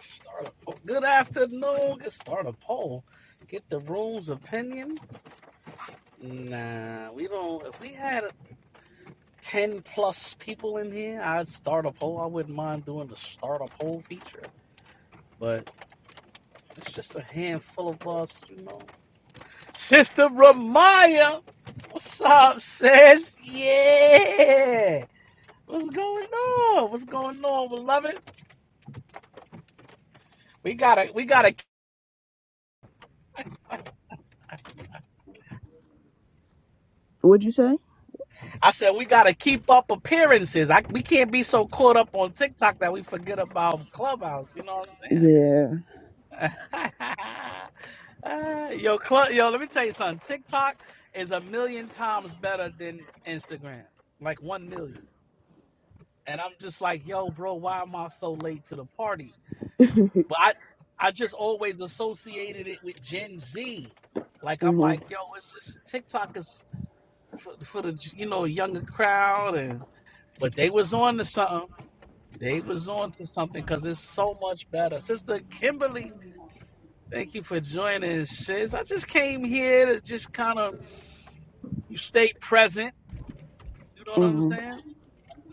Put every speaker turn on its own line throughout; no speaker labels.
Start a poll. Good afternoon. Get start a poll. Get the room's opinion. Nah, we don't. If we had ten plus people in here, I'd start a poll. I wouldn't mind doing the start a poll feature, but it's just a handful of us, you know. Sister Ramaya, what's up, sis? Yeah. What's going on? What's going on, beloved? We got a we got a
What'd you say?
I said we gotta keep up appearances. I, we can't be so caught up on TikTok that we forget about Clubhouse. You know what
Yeah.
I'm saying? Uh, yo, Club, yo, let me tell you something. TikTok is a million times better than Instagram, like one million. And I'm just like, yo, bro, why am I so late to the party? But I, I just always associated it with Gen Z. Like I'm
Mhm.
like, yo, it's just TikTok is for, for the you know younger crowd and But they was on to something. They was on to something because it's so much better. Sister Kimberly, thank you for joining sis. I just came here to just kind of you stay present. You know what I'm
Mhm.
saying?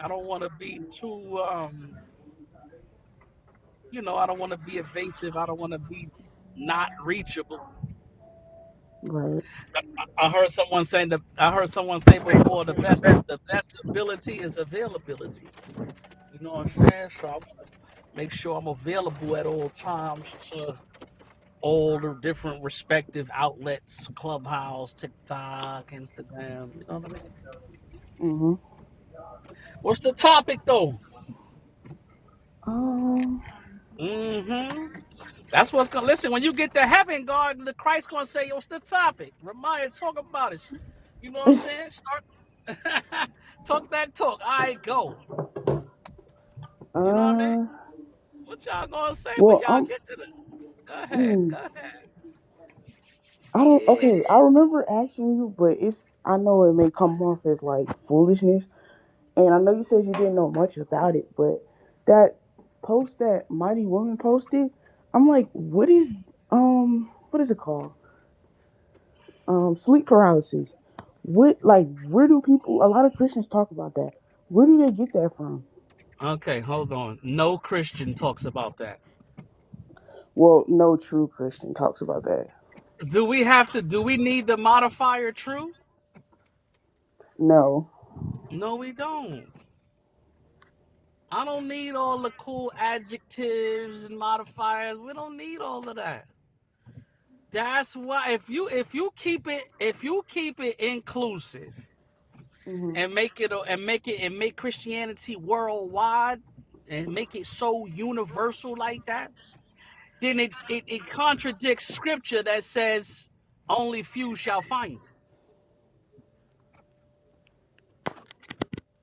I don't want to be too um, you know, I don't want to be evasive. I don't want to be not reachable.
Right.
I heard someone saying the I heard someone say before the best the best ability is availability. You know what I'm saying? So I want to make sure I'm available at all times. to. old or different respective outlets, Clubhouse, TikTok, Instagram. You know what I mean?
Mhm.
What's the topic though?
Um.
Mm-hmm. That's what's gonna listen. When you get to heaven, God, the Christ gonna say, "What's the topic?" Remind, talk about it. You know what I'm saying? Start talk that talk. All right, go. You know what I mean?
Uh.
What y'all gonna say when
Well,
y'all
I'm.
get to the? Go ahead.
Mm,
Go ahead.
I don't.
Yeah.
Okay. I remember asking you, but it's. I know it may come off as like foolishness, and I know you said you didn't know much about it, but that post that Mighty Woman posted, I'm like, what is um, what is it called? Um, sleep paralysis. What like where do people? A lot of Christians talk about that. Where do they get that from?
Okay, hold on. No Christian talks about that.
Well, no true Christian talks about that.
Do we have to? Do we need the modifier true?
No.
No, we don't. I don't need all the cool adjectives and modifiers. We don't need all of that. That's why if you if you keep it if you keep it inclusive
hmm
and make it and make it and make Christianity worldwide and make it so universal like that, then it it, it contradicts scripture that says only few shall find it.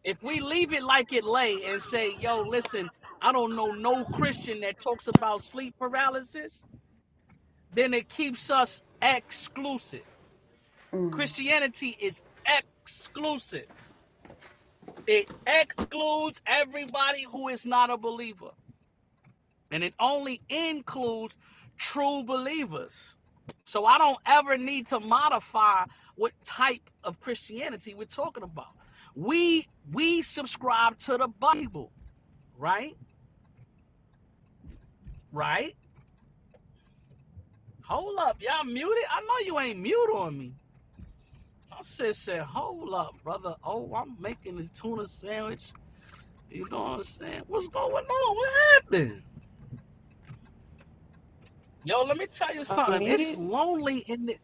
If we leave it like it lay and say, "Yo, listen, I don't know no Christian that talks about sleep paralysis." then it keeps us exclusive. Christianity is exclusive. It excludes everybody who is not a believer, and it only includes true believers. So I don't ever need to modify what type of Christianity we're talking about. We we subscribe to the Bible, right? Right? Hold up, y'all muted. I know you ain't mute on me. I said, said, hold up, brother. Oh, I'm making a tuna sandwich. You know what I'm saying? What's going on? What happened? Yo, let me tell you
I'm
something. It's
muted.
lonely in the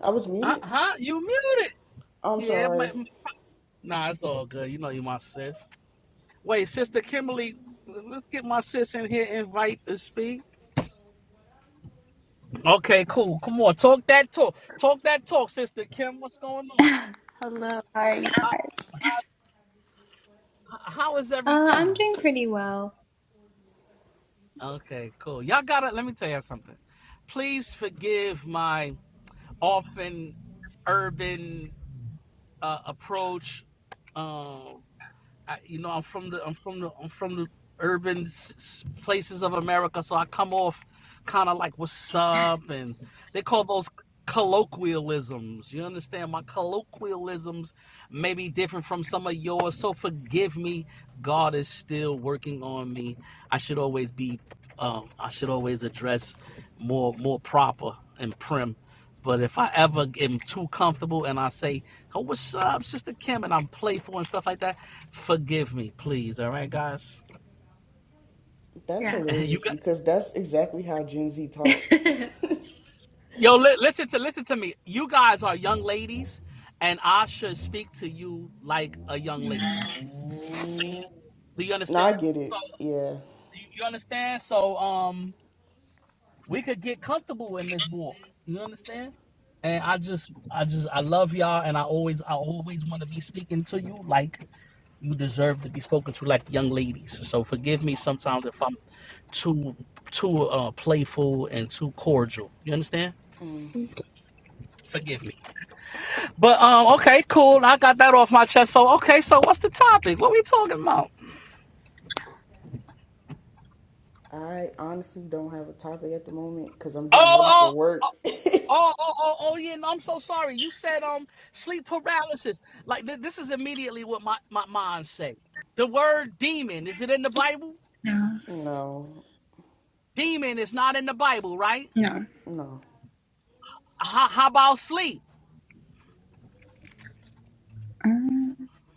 I was
uh
muted.
huh. You muted.
I'm
Yeah, my,
sorry.
nah, it's all good. You know you my sis. Wait, sister Kimberly, let's get my sis in here, invite to speak. Okay, cool. Come on, talk that talk. Talk that talk, sister Kim. What's going on?
Hello, how are you
How,
guys?
how is
Uh, I'm
everything?
doing pretty well.
Okay, cool. Y'all gotta let me tell y'all something. Please forgive my often urban uh, approach. uh, I, you know, I'm from the I'm from the I'm from the urban s- s- places of America, so I come off kind of like what's up, and they call those colloquialisms. You understand? My colloquialisms may be different from some of yours, so forgive me. God is still working on me. I should always be, um, I should always address more more proper and prim. But if I ever am too comfortable and I say, "Oh, what's up, Sister Kim?" and I'm playful and stuff like that, forgive me, please. All right, guys.
That's
Yeah.
You
hilarious
got
because that's exactly how Gen Z talk.
yo. Li- listen to listen to me. You guys are young ladies, and I should speak to you like a young lady. Do you
no, I
understand?
get
So
it. Yeah.
you you understand? So um, we could get comfortable in this walk. You understand? And I just, I just, I love y'all, and I always, I always want to be speaking to you like you deserve to be spoken to like young ladies. So forgive me sometimes if I'm too too uh, playful and too cordial. You understand? Forgive me. But um, okay, cool. I got that off my chest. So okay, so what's the topic? What we talking about?
I honestly don't have a topic at the moment because I'm getting
Oh,
ready for
oh.
work.
Oh, oh, oh, oh, yeah, no, I'm so sorry. You said um sleep paralysis. Like th- this is immediately what my, my mind say. The word demon, is it in the Bible?
No.
no,
Demon is not in the Bible, right?
No.
no.
How, how about sleep?
uh,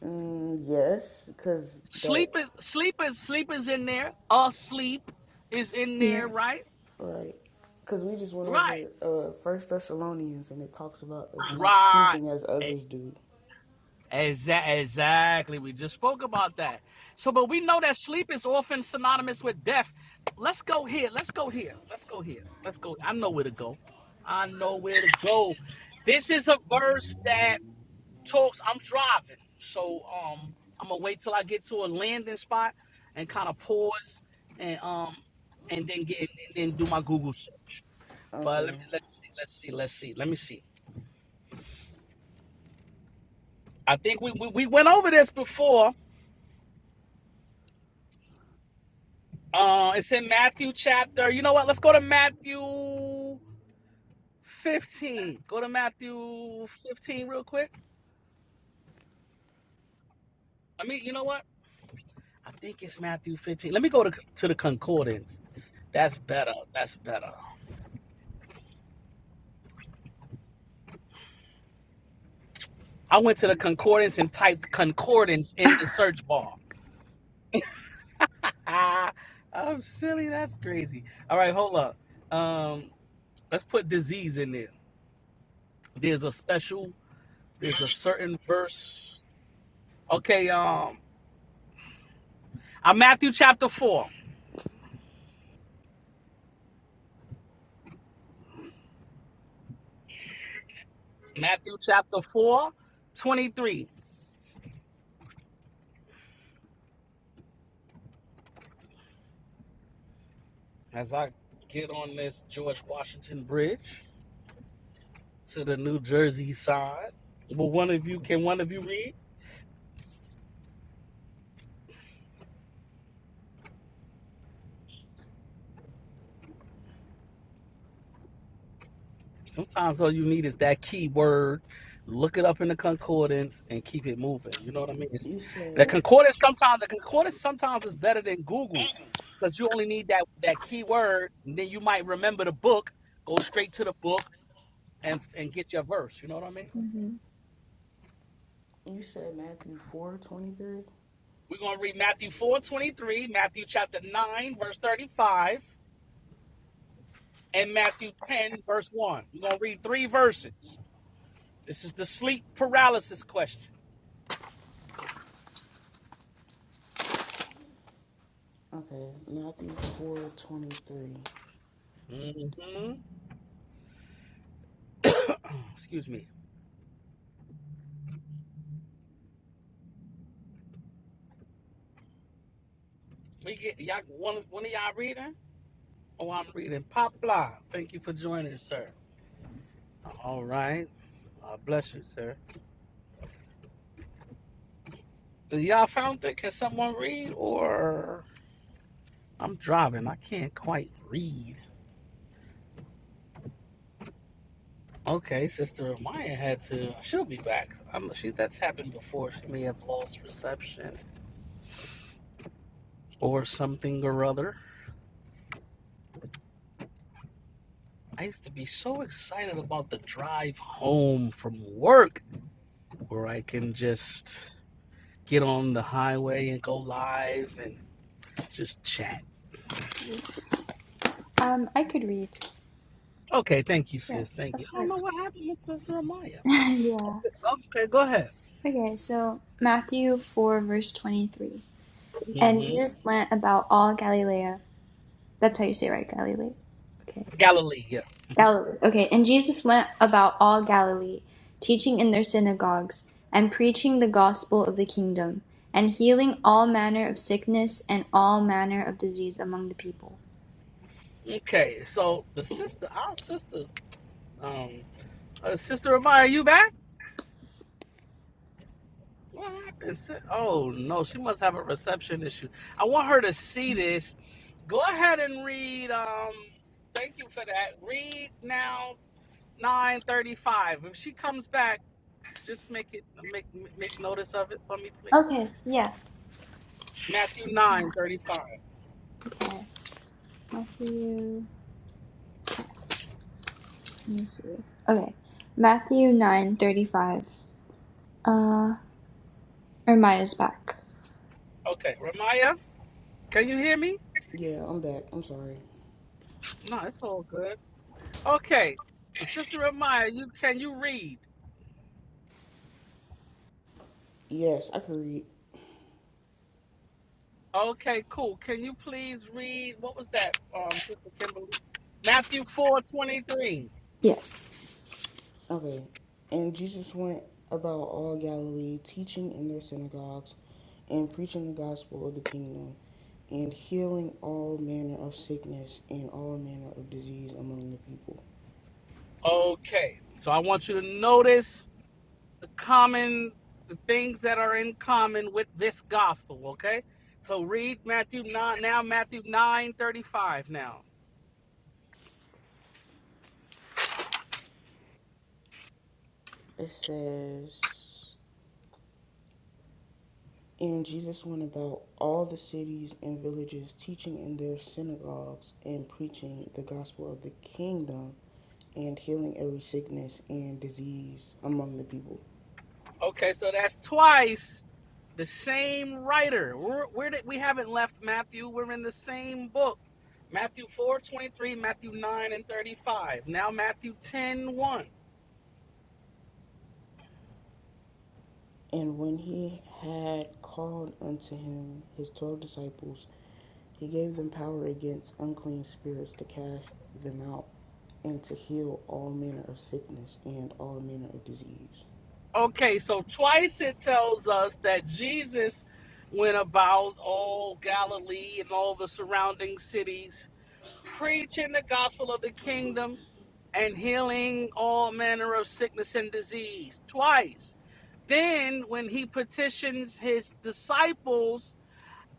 Mm, yes, because that,
Sleep is sleep is sleep is in there. Asleep is in
Yeah.
there, right?
right. Because we just went
Right.
over uh First Thessalonians and it talks about us not
Right.
sleeping as
E-
others do.
exa- exactly. We just spoke about that. So, but we know that sleep is often synonymous with death. Let's go here. Let's go here. Let's go here. Let's go. I know where to go. I know where to go. This is a verse that talks. I'm driving, so um, I'm gonna wait till I get to a landing spot and kind of pause and um, and then get and then do my Google search. But let
Okay.
me let's see, let's see, let's see, let me see. I think we we, we went over this before. Uh, it's in Matthew chapter. You know what? Let's go to Matthew 15. Go to Matthew 15 real quick. I mean, you know what? I think it's Matthew 15. Let me go to to the concordance. That's better. That's better. I went to the concordance and typed concordance in the search bar. Ah, I'm silly. That's crazy. All right, hold up. Um, let's put disease in there. There's a special. There's a certain verse. Okay. Um, I'm Matthew chapter four. Matthew chapter four, twenty three. As I get on this George Washington Bridge to the New Jersey side, will one of you? Can one of you read? Sometimes all you need is that key word, look it up in the concordance, and keep it moving. You know what I mean? It's,
You
the
said.
concordance sometimes the concordance sometimes is better than Google because you only need that that key word, and then you might remember the book, go straight to the book, and and get your verse. You know what I mean?
hmm
You said Matthew four twenty three.
We're gonna read Matthew four twenty three, Matthew chapter nine verse thirty five, and Matthew ten verse one. We're gonna read three verses. This is the sleep paralysis question.
Okay, Matthew four twenty three.
hmm Excuse me. We get y'all one of- one of y'all reading? Oh, I'm reading. Poplar, thank you for joining, sir. All right. Uh, bless you, sir. Y'all found it? Can someone read? Or I'm driving. I can't quite read. Okay, Sister Amaya had to. She'll be back. I'm, she that's happened before. She may have lost reception or something or other. I used to be so excited about the drive home from work, where I can just get on the highway and go live and Just chat.
Um, I could read.
Okay, thank you,
Yes,
sis. Thank you.
of
I don't know
course.
what happened with Sister Amaya.
yeah.
Okay, go ahead.
Okay, so Matthew 4, verse 23. And
hmm
Jesus went about all Galilee. That's how you say it, right? Galilee. Okay.
Galilee, yeah. hmm
Galilee. Okay. And Jesus went about all Galilee, teaching in their synagogues and preaching the gospel of the kingdom and healing all manner of sickness and all manner of disease among the people.
Okay, so the sister, our sisters, um, uh, Sister Amaya, you back? What happened? sis? Oh no, she must have a reception issue. I want her to see this. Go ahead and read. Um, thank you for that. Read now, nine thirty-five. If she comes back, just make it make make notice of it for me, please.
Okay. Yeah.
Matthew 9 35.
Okay. Matthew. Let me see. Okay. Matthew nine thirty five. Uh, or Maya's back.
Okay, Ramaya, can you hear me?
Yeah, I'm back. I'm sorry.
No, it's all good. Okay, Sister Ramaya, you can you read?
Yes, I can read.
Okay, cool. Can you please read? What was that, um, Sister Kimberly? Matthew four twenty three.
Yes.
Okay, and Jesus went about all Galilee, teaching in their synagogues and preaching the gospel of the kingdom, and healing all manner of sickness and all manner of disease among the people.
Okay, so I want you to notice the common the things that are in common with this gospel okay so read matthew 9 now matthew 9 35. now
It says, and Jesus went about all the cities and villages, teaching in their synagogues and preaching the gospel of the kingdom and healing every sickness and disease among the people.
okay so that's twice the same writer we're, we're we haven't left matthew we're in the same book matthew 4 23, matthew 9 and 35 now matthew ten one.
And when he had called unto him his twelve disciples, he gave them power against unclean spirits to cast them out and to heal all manner of sickness and all manner of disease.
okay so twice it tells us that jesus went about all galilee and all the surrounding cities preaching the gospel of the kingdom and healing all manner of sickness and disease twice. Then, when he petitions his disciples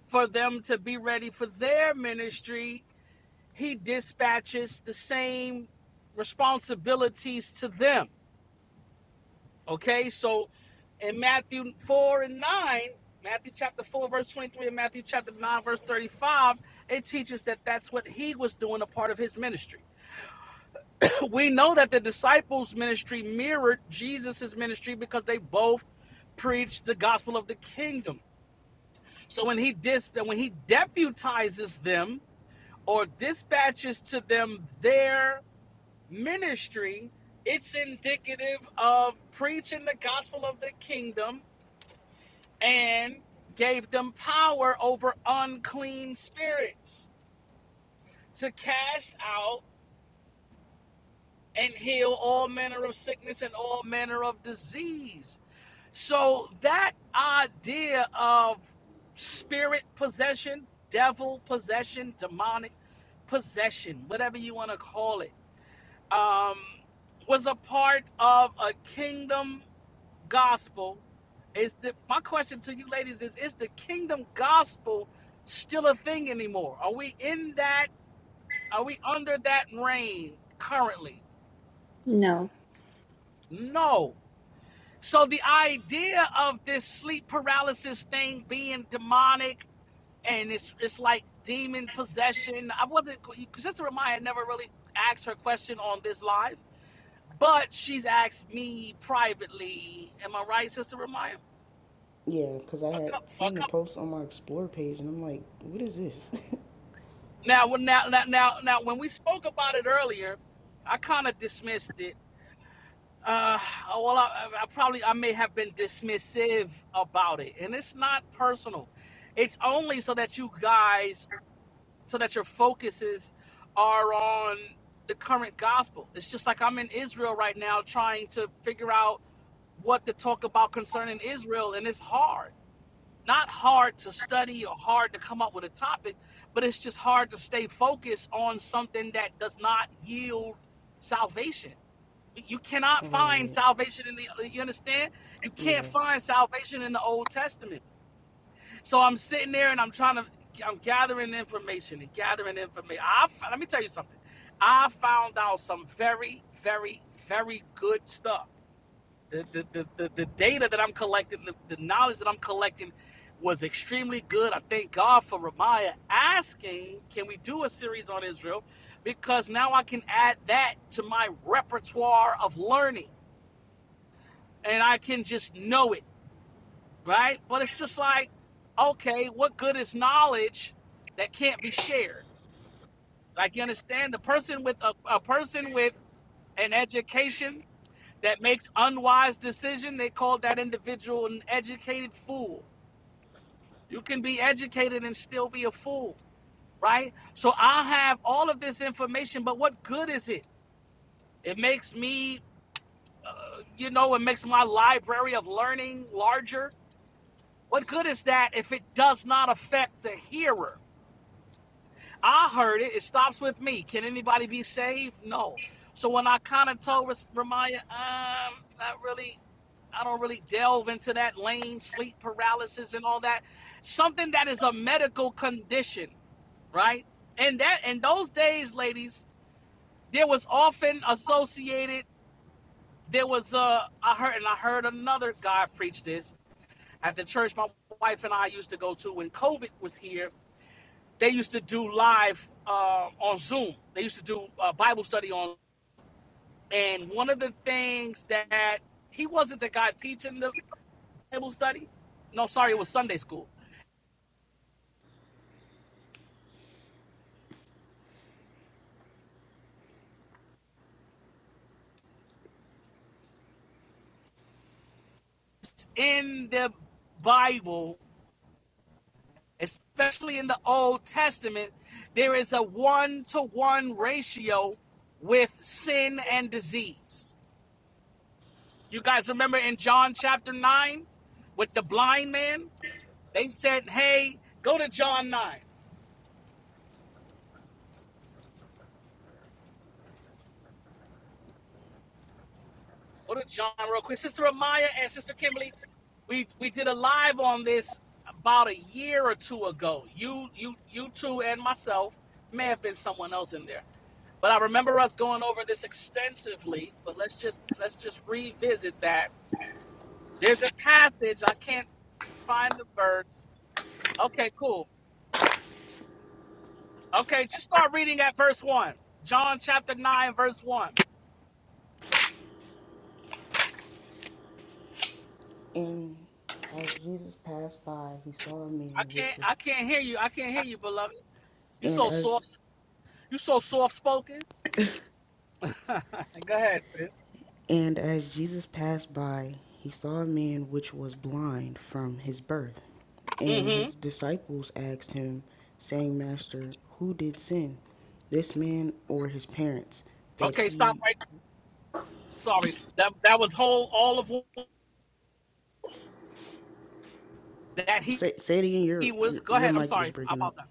for them to be ready for their ministry, he dispatches the same responsibilities to them. Okay, so in Matthew 4 and 9, Matthew chapter 4, verse 23, and Matthew chapter 9, verse 35, it teaches that that's what he was doing a part of his ministry we know that the disciples' ministry mirrored Jesus's ministry because they both preached the gospel of the kingdom. So when he dis- when he deputizes them or dispatches to them their ministry, it's indicative of preaching the gospel of the kingdom and gave them power over unclean spirits to cast out and heal all manner of sickness and all manner of disease. So that idea of spirit possession, devil possession, demonic possession, whatever you want to call it, um, was a part of a kingdom gospel. Is the my question to you ladies is is the kingdom gospel still a thing anymore? Are we in that are we under that reign currently?
No.
No. So the idea of this sleep paralysis thing being demonic and it's it's like demon possession. I wasn't just to remind. I never really asked her question on this live, but she's asked me privately. Am I right, Sister Ramaya?
Yeah, because I
A
had
couple, a
seen the
couple.
post on my Explore page and I'm like, what is this?
Now, when- now, now, now, now, when we spoke about it earlier, I kind of dismissed it. Uh, well, I, I probably I may have been dismissive about it, and it's not personal. It's only so that you guys so that your focuses are on the current gospel. It's just like I'm in Israel right now trying to figure out what to talk about concerning Israel, and it's hard. Not hard to study or hard to come up with a topic, but it's just hard to stay focused on something that does not yield salvation. You cannot find
right.
salvation in the, you understand? You can't
Yeah.
find salvation in the Old Testament. So I'm sitting there and I'm trying to, I'm gathering information and gathering information. I let me tell you something. I found out some very, very, very good stuff. The the the, the, the data that I'm collecting, the, the knowledge that I'm collecting, was extremely good. I thank God for Ramaya asking, can we do a series on Israel? Because now I can add that to my repertoire of learning, and I can just know it right? But it's just like, okay, what good is knowledge that can't be shared? Like you understand, the person with a, a person with an education that makes unwise decision, they call that individual an educated fool. You can be educated and still be a fool, right? So I have all of this information, but what good is it? It makes me, you know, it makes my library of learning larger. What good is that if it does not affect the hearer? I heard it. It stops with me. Can anybody be saved? No. So when I kind of told Ramaya, um, not really. I don't really delve into that lane, sleep paralysis, and all that. Something that is a medical condition, right? And that in those days, ladies, there was often associated. There was a I heard and I heard another guy preach this at the church my wife and I used to go to when COVID was here they used to do live uh, on Zoom. They used to do uh, Bible study on, and one of the things that he wasn't the guy teaching the Bible study. No, sorry, it was Sunday school. In the Bible, especially in the Old Testament, there is a one-to-one ratio with sin and disease. You guys remember in John chapter nine with the blind man? They said, "Hey, go to John 9." Go to John real quick. Sister Amaya and Sister Kimberly, we we did a live on this about a year or two ago. You you you two and myself may have been someone else in there, but I remember us going over this extensively. But let's just let's just revisit that. There's a passage I can't find the verse. Okay, cool. Okay, just start reading at verse one. John chapter nine, verse one.
And as Jesus passed by, he saw a
I
man
can't
which was.
I can't hear you. I can't hear you, beloved. You
And
so
as
soft. You so soft spoken. Go ahead, sis.
And as Jesus passed by, he saw a man which was blind from his birth. And
Mm-hmm.
his disciples asked him, saying, Master, who did sin, this man or his parents, that
Okay, stop
he
right. Sorry, that that was whole all of that he,
say, say it again,
he
your,
was.
your
Go
your
ahead. I'm
mic was
sorry How
breaking
about
up,
that.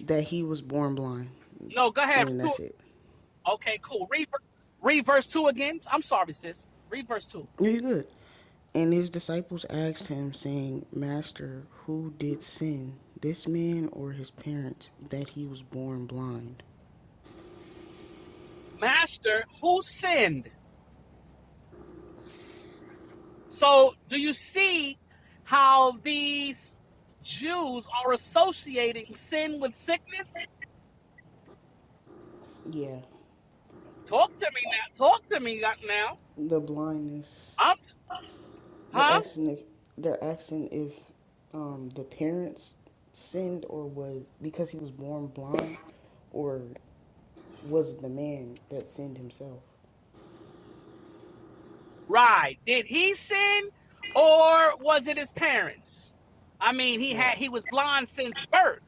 that he was born blind.
No, go ahead.
And
Verse
then
Two.
that's it.
Okay, cool. Read, ver- read verse two again. I'm sorry, sis. Read verse two.
You're good. And his disciples asked him, saying, Master, who did sin, this man or his parents, that he was born blind?
Master, who sinned? So, do you see how these Jews are associating sin with sickness?
Yeah.
Talk to me now. Talk to me now.
the blindness.
I'm
They're
huh?
asking if they're asking if um, the parents sinned or was because he was born blind, or was it the man that sinned himself?
Right. Did he sin or was it his parents? I mean, he had
Right.
he was blind since birth.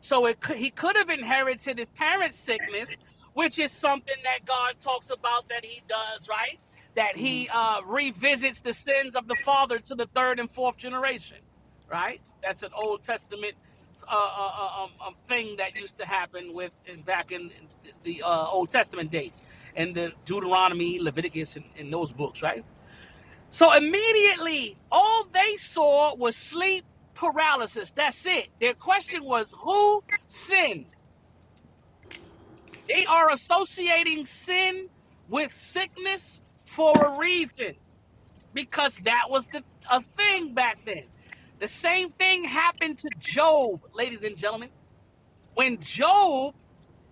So it could, he could have inherited his parents' sickness, which is something that God talks about that he does, right? That
hmm
he uh, revisits the sins of the father to the third and fourth generation, right? That's an Old Testament uh, uh, uh, um, um, thing that used to happen with in, back in the uh, Old Testament days, in the Deuteronomy, Leviticus, and, and those books, right? So immediately, all they saw was sleep paralysis. That's it. Their question was, who sinned? They are associating sin with sickness for a reason, because that was the a thing back then. The same thing happened to Job, ladies and gentlemen. When Job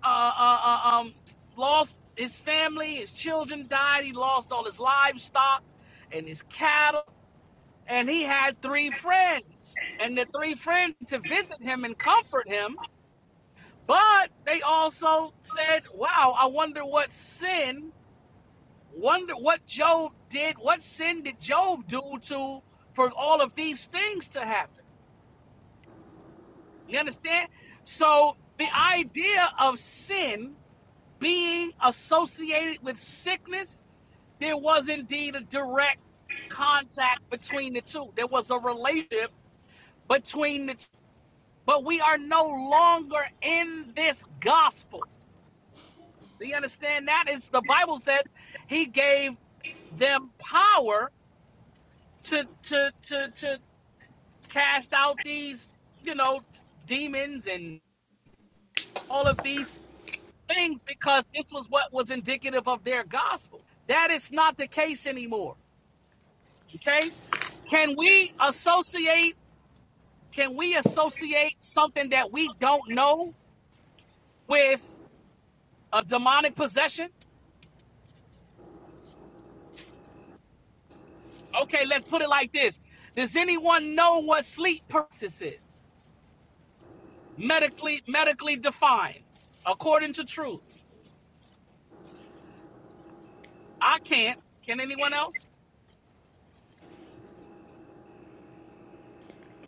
uh, uh, uh, um, lost his family, his children died. He lost all his livestock and his cattle and he had three friends and the three friends to visit him and comfort him but they also said wow i wonder what sin wonder what job did what sin did job do to for all of these things to happen you understand so the idea of sin being associated with sickness there was indeed a direct contact between the two there was a relationship between the two But we are no longer in this gospel. Do you understand that? It's the Bible says he gave them power to to to to cast out these, you know, demons and all of these things because this was what was indicative of their gospel. That is not the case anymore. Okay? Can we associate can we associate something that we don't know with a demonic possession? Okay, let's put it like this. Does anyone know what sleep paralysis is? Medically medically defined, according to truth. I can't. Can anyone else?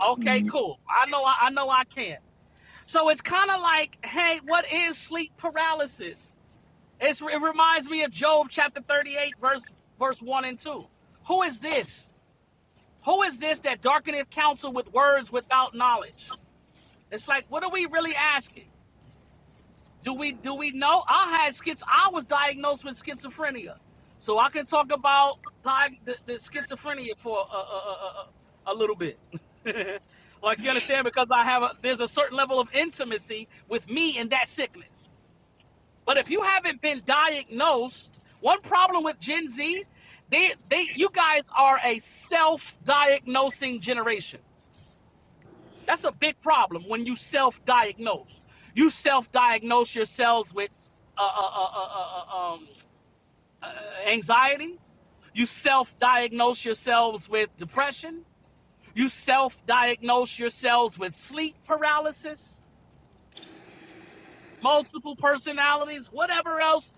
Okay,
No.
cool. I know I, I know I can. So it's kind of like, hey, what is sleep paralysis? It's, it reminds me of Job chapter 38, verse verse 1 and 2. Who is this? Who is this that darkeneth counsel with words without knowledge? It's like, what are we really asking? Do we do we know? I had schiz. I was diagnosed with schizophrenia, so I can talk about di- the, the schizophrenia for a, a, a, a little bit. like you understand, because I have a, there's a certain level of intimacy with me and that sickness. But if you haven't been diagnosed, one problem with Gen Z, they they you guys are a self-diagnosing generation. That's a big problem when you self-diagnose. You self-diagnose yourselves with anxiety. You self diagnose yourselves with depression. You self diagnose yourselves with sleep paralysis, multiple personalities, whatever else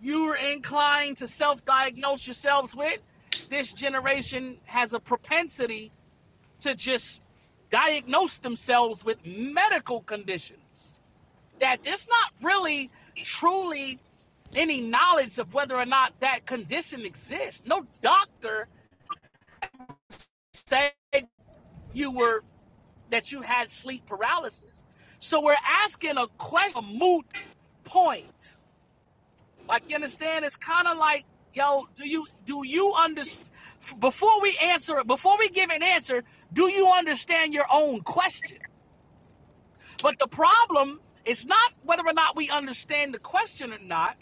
you're inclined to self diagnose yourselves with. This generation has a propensity to just diagnose themselves with medical conditions that there's not really truly any knowledge of whether or not that condition exists. No doctor said you were that you had sleep paralysis. So we're asking a question, a moot point. Like you understand, it's kind of like, yo, do you do you understand? Before we answer it, before we give an answer, do you understand your own question? But the problem is not whether or not we understand the question or not.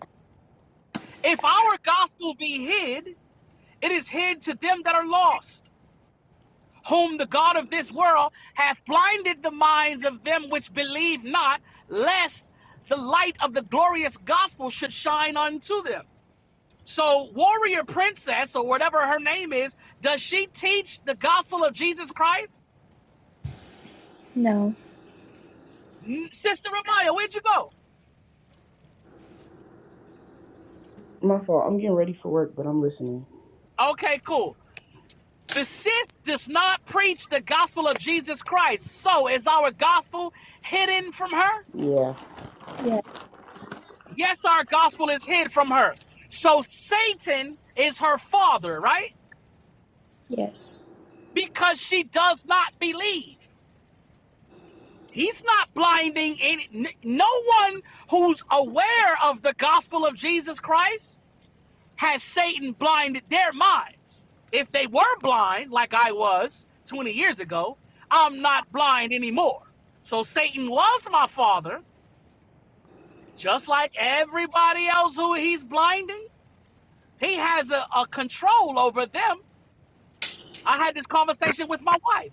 If our gospel be hid, it is hid to them that are lost. whom the God of this world hath blinded the minds of them which believe not, lest the light of the glorious gospel should shine unto them. So, warrior princess, or whatever her name is, does she teach the gospel of Jesus Christ?
No.
Sister Amaya, where'd you go?
My fault. I'm getting ready for work, but I'm listening.
Okay, cool. The sis does not preach the gospel of Jesus Christ. So, is our gospel hidden from her?
Yeah,
Yeah.
Yes, our gospel is hid from her. So Satan is her father, right?
Yes.
Because she does not believe. He's not blinding any. No one who's aware of the gospel of Jesus Christ has Satan blinded their minds. If they were blind, like I was 20 years ago, I'm not blind anymore. So Satan was my father, just like everybody else who he's blinding. He has a, a control over them. I had this conversation with my wife.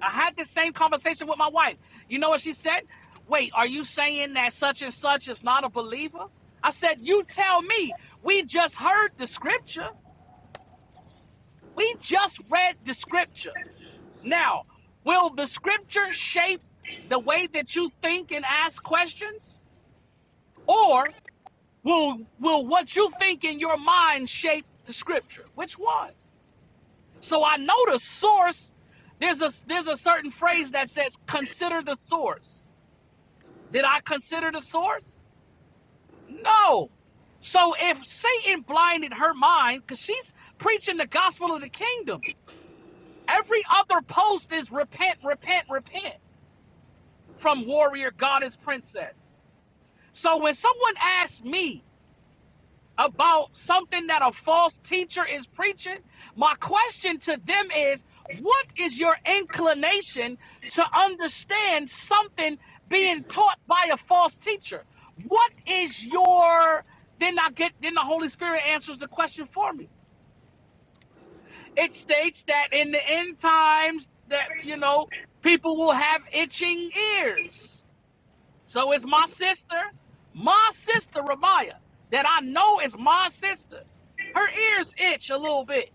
I had this same conversation with my wife. You know what she said? Wait, are you saying that such and such is not a believer? I said, You tell me. We just heard the scripture. We just read the scripture. Now, will the scripture shape the way that you think and ask questions? Or will will what you think in your mind shape the scripture? Which one? So I know the source. There's a there's a certain phrase that says consider the source. Did I consider the source? No. So if Satan blinded her mind, because she's preaching the gospel of the kingdom, every other post is repent, repent, repent from warrior, goddess, princess. So when someone asks me, about something that a false teacher is preaching, my question to them is what is your inclination to understand something being taught by a false teacher? What is your then I get then the Holy Spirit answers the question for me. It states that in the end times that you know people will have itching ears so it's my sister, my sister Ramaya, that I know is my sister. Her ears itch a little bit.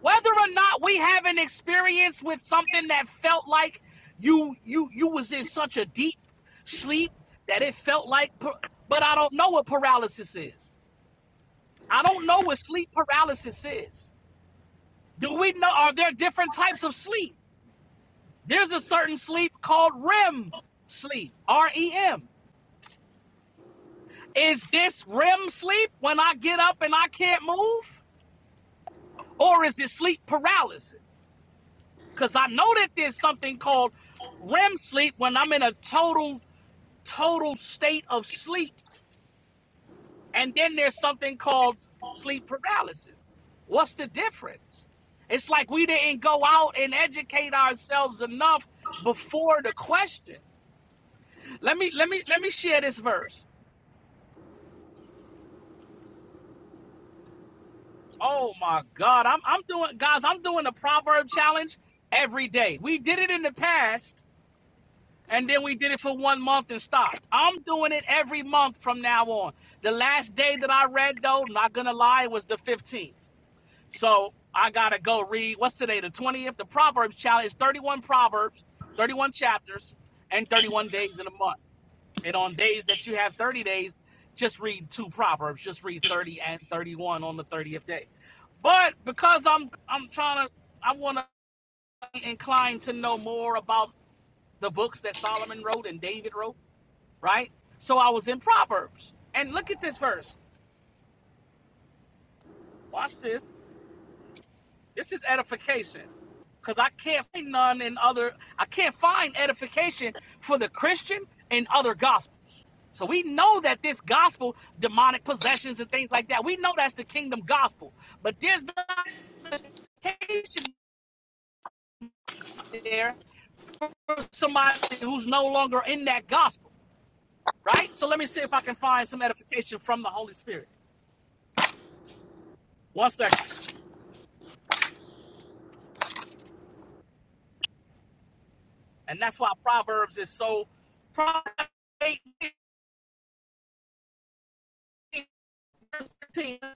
Whether or not we have an experience with something that felt like you you you was in such a deep sleep that it felt like but I don't know what paralysis is. I don't know what sleep paralysis is. Do we know are there different types of sleep? There's a certain sleep called REM sleep, R E M. Is this REM sleep when I get up and I can't move? Or is it sleep paralysis? Because I know that there's something called REM sleep when I'm in a total, total state of sleep. And then there's something called sleep paralysis. What's the difference? It's like we didn't go out and educate ourselves enough before the question. Let me let me let me share this verse. Oh my God. I'm I'm doing guys, I'm doing the proverb challenge every day. We did it in the past and then we did it for one month and stopped. I'm doing it every month from now on. The last day that I read though, not gonna lie, was the 15th. So I gotta go read what's today, the 20th? The Proverbs challenge is 31 Proverbs, 31 chapters, and 31 days in a month. And on days that you have 30 days, just read two proverbs. Just read 30 and 31 on the 30th day. But because I'm I'm trying to I want to be inclined to know more about the books that Solomon wrote and David wrote, right? So I was in Proverbs. And look at this verse. Watch this. This is edification. Because I can't find none in other, I can't find edification for the Christian in other gospels. So we know that this gospel, demonic possessions and things like that, we know that's the kingdom gospel. But there's not edification there for somebody who's no longer in that gospel, right? So let me see if I can find some edification from the Holy Spirit. One second. And that's why Proverbs is so Proverbs 8, 13, do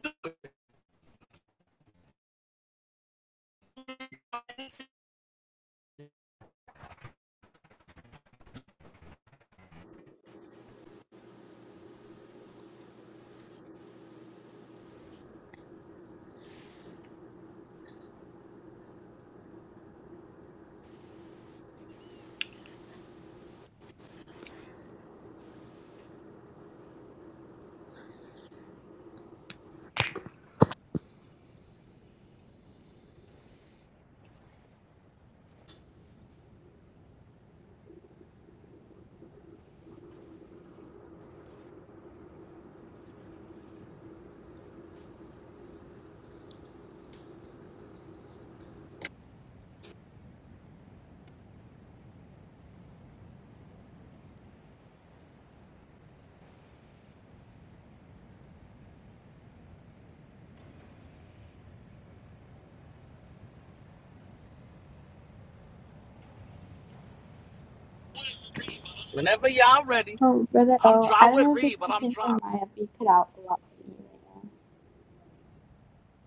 Whenever y'all ready,
Oh, brother.
I'm
Oh,
dry
I don't
with
know if
Reed,
it's
but
the
I'm
same for
dry.
Maya, but you cut out a lot for me right now.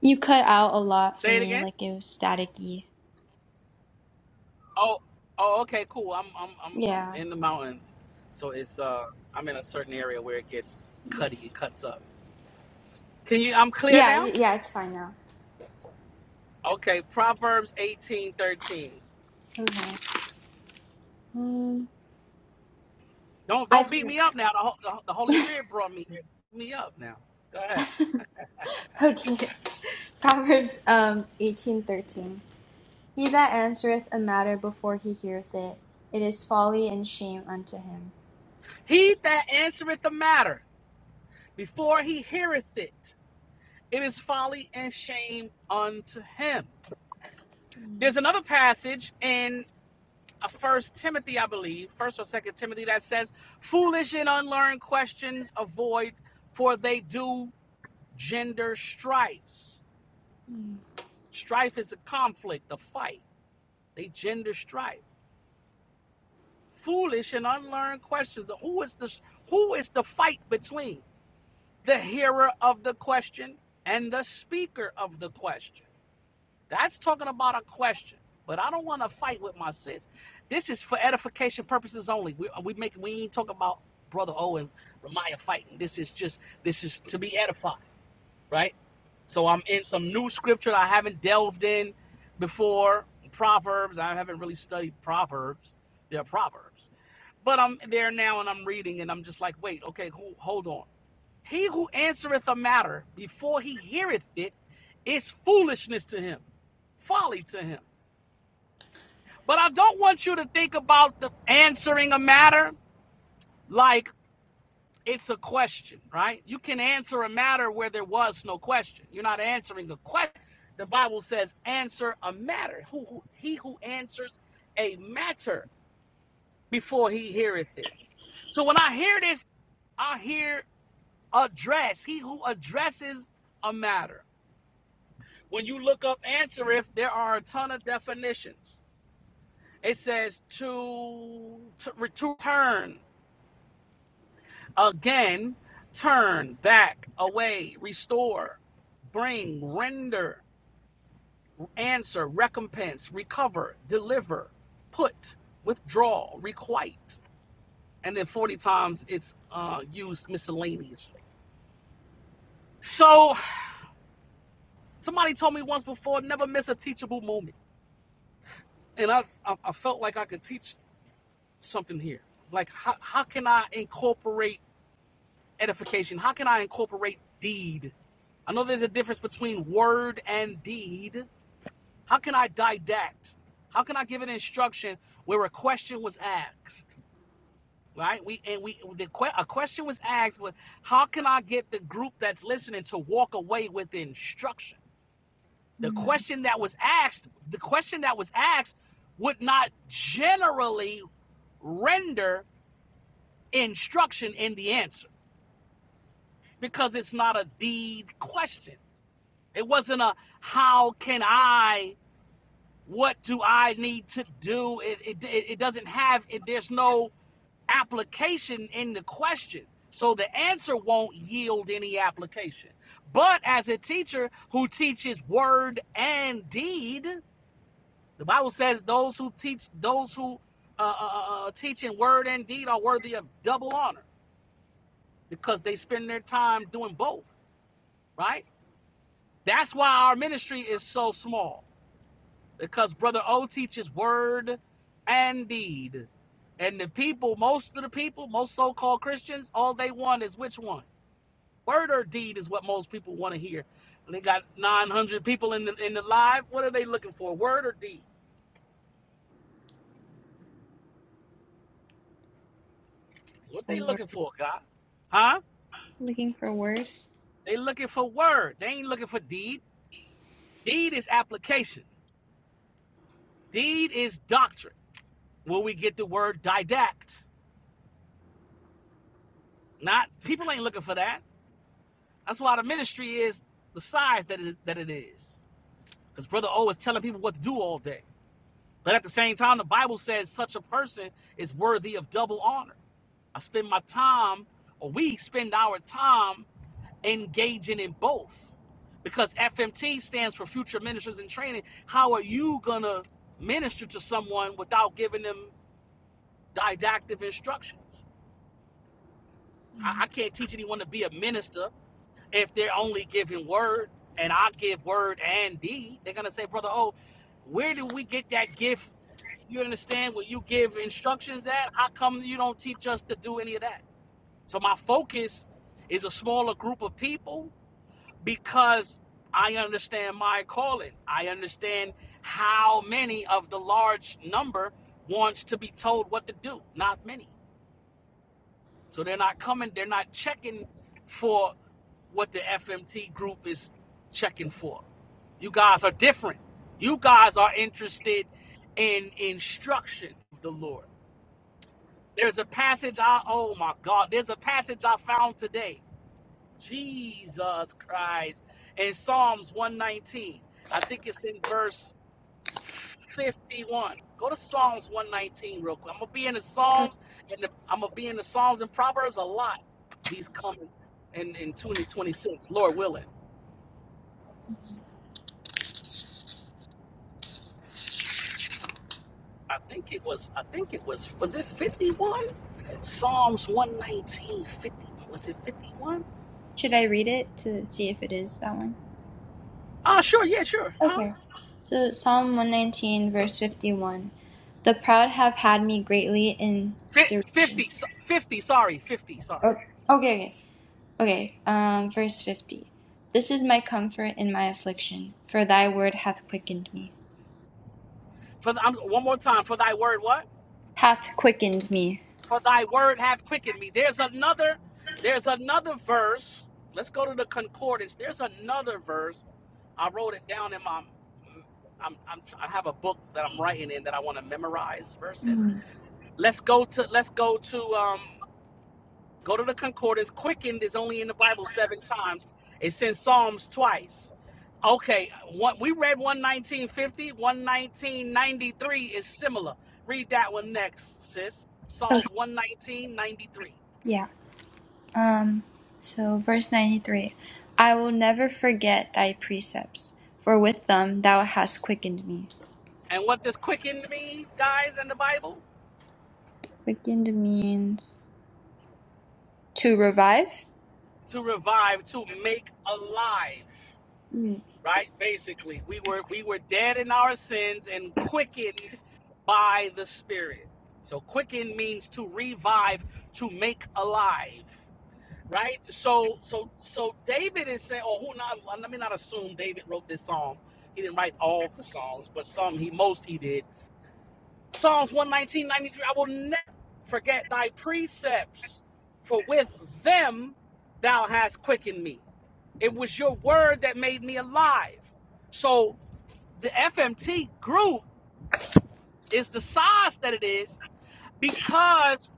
You cut out a lot for
Say it
me,
again.
like it was staticky.
Oh, oh, okay, cool. I'm, I'm, I'm, I'm
Yeah.
in the mountains, so it's uh, I'm in a certain area where it gets
Yeah,
cutty. It cuts up. Can you? I'm clear
yeah,
now.
y- yeah, it's fine now.
Okay, Proverbs 1813
Okay. Um,
Don't
I
don't beat
can
me up now. The, Ho- the, the Holy Spirit brought me here. Beat me up now. Go ahead.
Okay. Proverbs um eighteen thirteen. He that answereth a matter before he heareth it, it is folly and shame unto him.
He that answereth the matter before he heareth it, it is folly and shame unto him. There's another passage in a First Timothy, I believe, First or Second Timothy, that says, "Foolish and unlearned questions avoid, for they do gender strifes.
Hmm.
Strife is a conflict, a fight. They gender strife. Foolish and unlearned questions. Who is the who is the fight between the hearer of the question and the speaker of the question? That's talking about a question. But I don't want to fight with my sis. This is for edification purposes only. We we make we ain't talking about brother O and Ramaya fighting. This is just this is to be edified right? So I'm in some new scripture that I haven't delved in before. Proverbs. I haven't really studied Proverbs. They're Proverbs. But I'm there now and I'm reading and I'm just like, wait, okay, who, hold on. He who answereth a matter before he heareth it is foolishness to him, folly to him. But I don't want you to think about the answering a matter like it's a question, right? You can answer a matter where there was no question. You're not answering a question. The Bible says, answer a matter. Who, who he who answers a matter before he heareth it. So when I hear this, I hear address, he who addresses a matter. When you look up answer if, there are a ton of definitions. It says to, to return, again, turn back away, restore, bring, render, answer, recompense, recover, deliver, put, withdraw, requite. And then 40 times it's uh, used miscellaneously. So somebody told me once before never miss a teachable moment. And I, I, I felt like I could teach something here. Like, how, how can I incorporate? edification? How can I incorporate deed? I know there's a difference between word and deed. How can I didact? How can I give an instruction where a question was asked? Right? We and we the que- a question was asked, but how can I get the group that's listening to walk away with instruction? The
Hmm.
question that was asked, the question that was asked would not generally render instruction in the answer because it's not a deed question. It wasn't a how can I, what do I need to do? It, it, it doesn't have, it, there's no application in the question. So the answer won't yield any application. But as a teacher who teaches word and deed, the Bible says those who teach, those who uh, uh, uh, uh, teach in word and deed are worthy of double honor because they spend their time doing both, right? That's why our ministry is so small. because Brother O teaches word and deed. And the people, most of the people, most so called Christians, all they want is which one? Word or deed is what most people want to hear. And they got 900 people in the, in the live. What are they looking for? Word or deed? What
A
they
word.
looking for, God? Huh?
Looking for a word.
They looking for word. They ain't looking for deed. Deed is application. Deed is doctrine. Where we get the word didact. Not people ain't looking for that. That's why the ministry is the size that it, that it is. Because Brother O is telling people what to do all day. But at the same time, the Bible says such a person is worthy of double honor. I spend my time, or we spend our time engaging in both. Because FMT stands for Future Ministers in Training. How are you going to minister to someone without giving them didactic instructions? I, I can't teach anyone to be a minister if they're only giving word and I give word and deed. They're gonna say, brother, oh, where do we get that gift? You understand where you give instructions at? How come you don't teach us to do any of that? So my focus is a smaller group of people because I understand my calling. I understand how many of the large number wants to be told what to do. Not many. So they're not coming, they're not checking for what the FMT group is checking for. You guys are different. You guys are interested in instruction of the Lord. There's a passage I oh my God, there's a passage I found today. Jesus Christ in Psalms 119. I think it's in verse 51. Go to Psalms 119 real quick. I'm gonna be in the
Oh,
Psalms and the, I'm gonna be in the Psalms and Proverbs a lot. These coming in in 2026, Lord willing. I think it was. I think it was. Was it 51? Psalms 119. 50. Was it 51?
Should I read it to see if it is that one?
Ah, sure. Yeah, sure. Huh?
Okay. So Psalm one nineteen verse fifty one. The proud have had me greatly in derision.
50. so- 50. Sorry. 50.
O-
Sorry.
Okay, okay, okay. Um, verse 50. This is my comfort in my affliction, for thy word hath quickened me.
For the, I'm, one more time. For thy word, what?
Hath quickened me.
for thy word hath quickened me. There's another, there's another verse. Let's go to the concordance. There's another verse. I wrote it down in my I'm, I'm I have a book that I'm writing in that I want to memorize verses. Let's go to let's go to um go to the concordance. Quickened is only in the Bible seven times. It's in Psalms twice. Okay, what we read one nineteen fifty one nineteen ninety three is similar. Read that one next, sis.
Okay.
Psalms 11993.
Yeah. Um, so verse 93. I will never forget thy precepts, for with them thou hast quickened me.
And what does quicken mean, guys, in the Bible?
Quickened means to revive.
To revive, to make alive.
Mm,
Right? Basically, we were we were dead in our sins and quickened by the Spirit. So quicken means to revive, to make alive. Right? So so so David is saying, or who not let me not assume David wrote this psalm. He didn't write all the songs, but some he most he did Psalms one nineteen ninety three. I will never forget thy precepts, for with them thou hast quickened me. It was your word that made me alive. So the FMT group is the size that it is because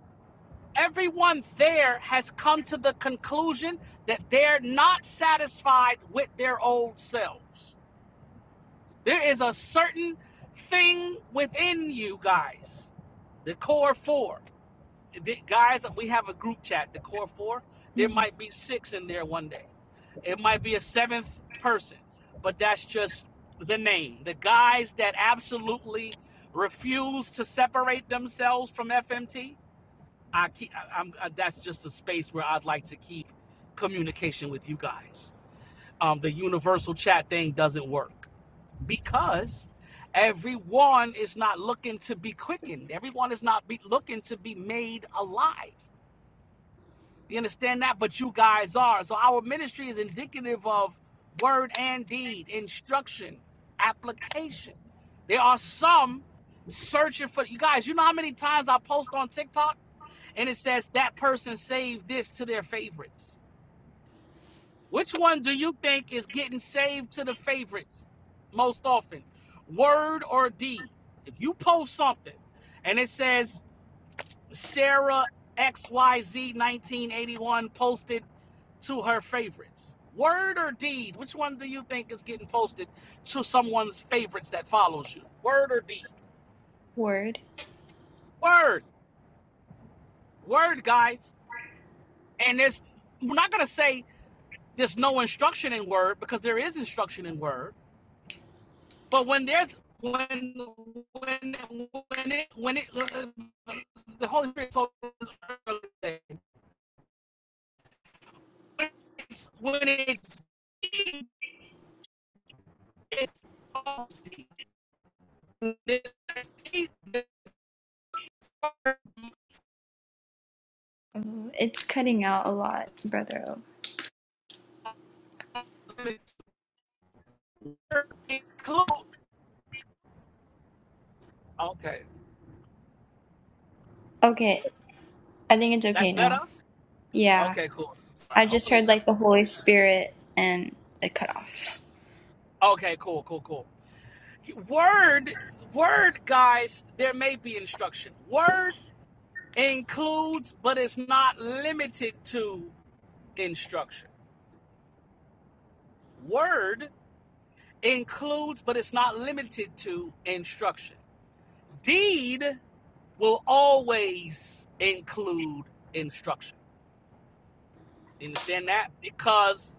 everyone there has come to the conclusion that they're not satisfied with their old selves. There is a certain thing within you guys, the core four. the guys, we have a group chat, the core four. There
mhm.
might be six in there one day. It might be a seventh person, but that's just the name. The guys that absolutely refuse to separate themselves from FMT, I keep. I, I'm. uh, that's just a space where I'd like to keep communication with you guys. Um, the universal chat thing doesn't work because everyone is not looking to be quickened. Everyone is not be, looking to be made alive. You understand that? But you guys are. So our ministry is indicative of word and deed, instruction, application. There are some searching for you guys. You know how many times I post on TikTok and it says that person saved this to their favorites. Which one do you think is getting saved to the favorites most often? Word or deed? If you post something and it says Sarah XYZ1981 posted to her favorites. Word or deed? Which one do you think is getting posted to someone's favorites that follows you? Word or deed?
Word.
Word. Word, guys. And it's we're not gonna say there's no instruction in word because there is instruction in word. But when there's when when when it when it uh, uh, the Holy Spirit told us earlier, when it's when it's it's palsy.
Oh, It's cutting out a lot, brother.
Cool. Okay,
Okay, I think it's
that's
okay
better.
now. Yeah.
Okay, cool. Sorry.
I just
Hopefully,
heard
that.
like the Holy Spirit and it cut off.
Okay, cool, cool, cool. Word, word, guys. There may be instruction. Word includes, but it's not limited to instruction. Word includes, but it's not limited to instruction. Deed will always include instruction. You understand that? Because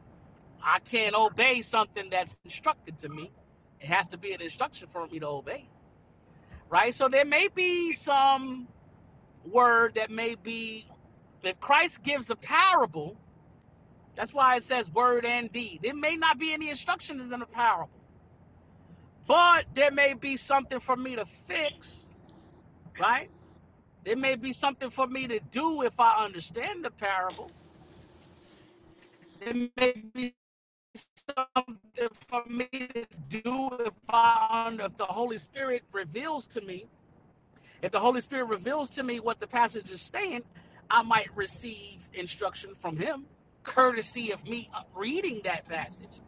I can't obey something that's instructed to me. It has to be an instruction for me to obey, right? So there may be some word that may be, if Christ gives a parable, that's why it says word and deed. There may not be any instructions in the parable, but there may be something for me to fix, right? There may be something for me to do if I understand the parable. There may be something for me to do if I um, if the Holy Spirit reveals to me, if the Holy Spirit reveals to me what the passage is saying, I might receive instruction from Him, courtesy of me uh, reading that passage.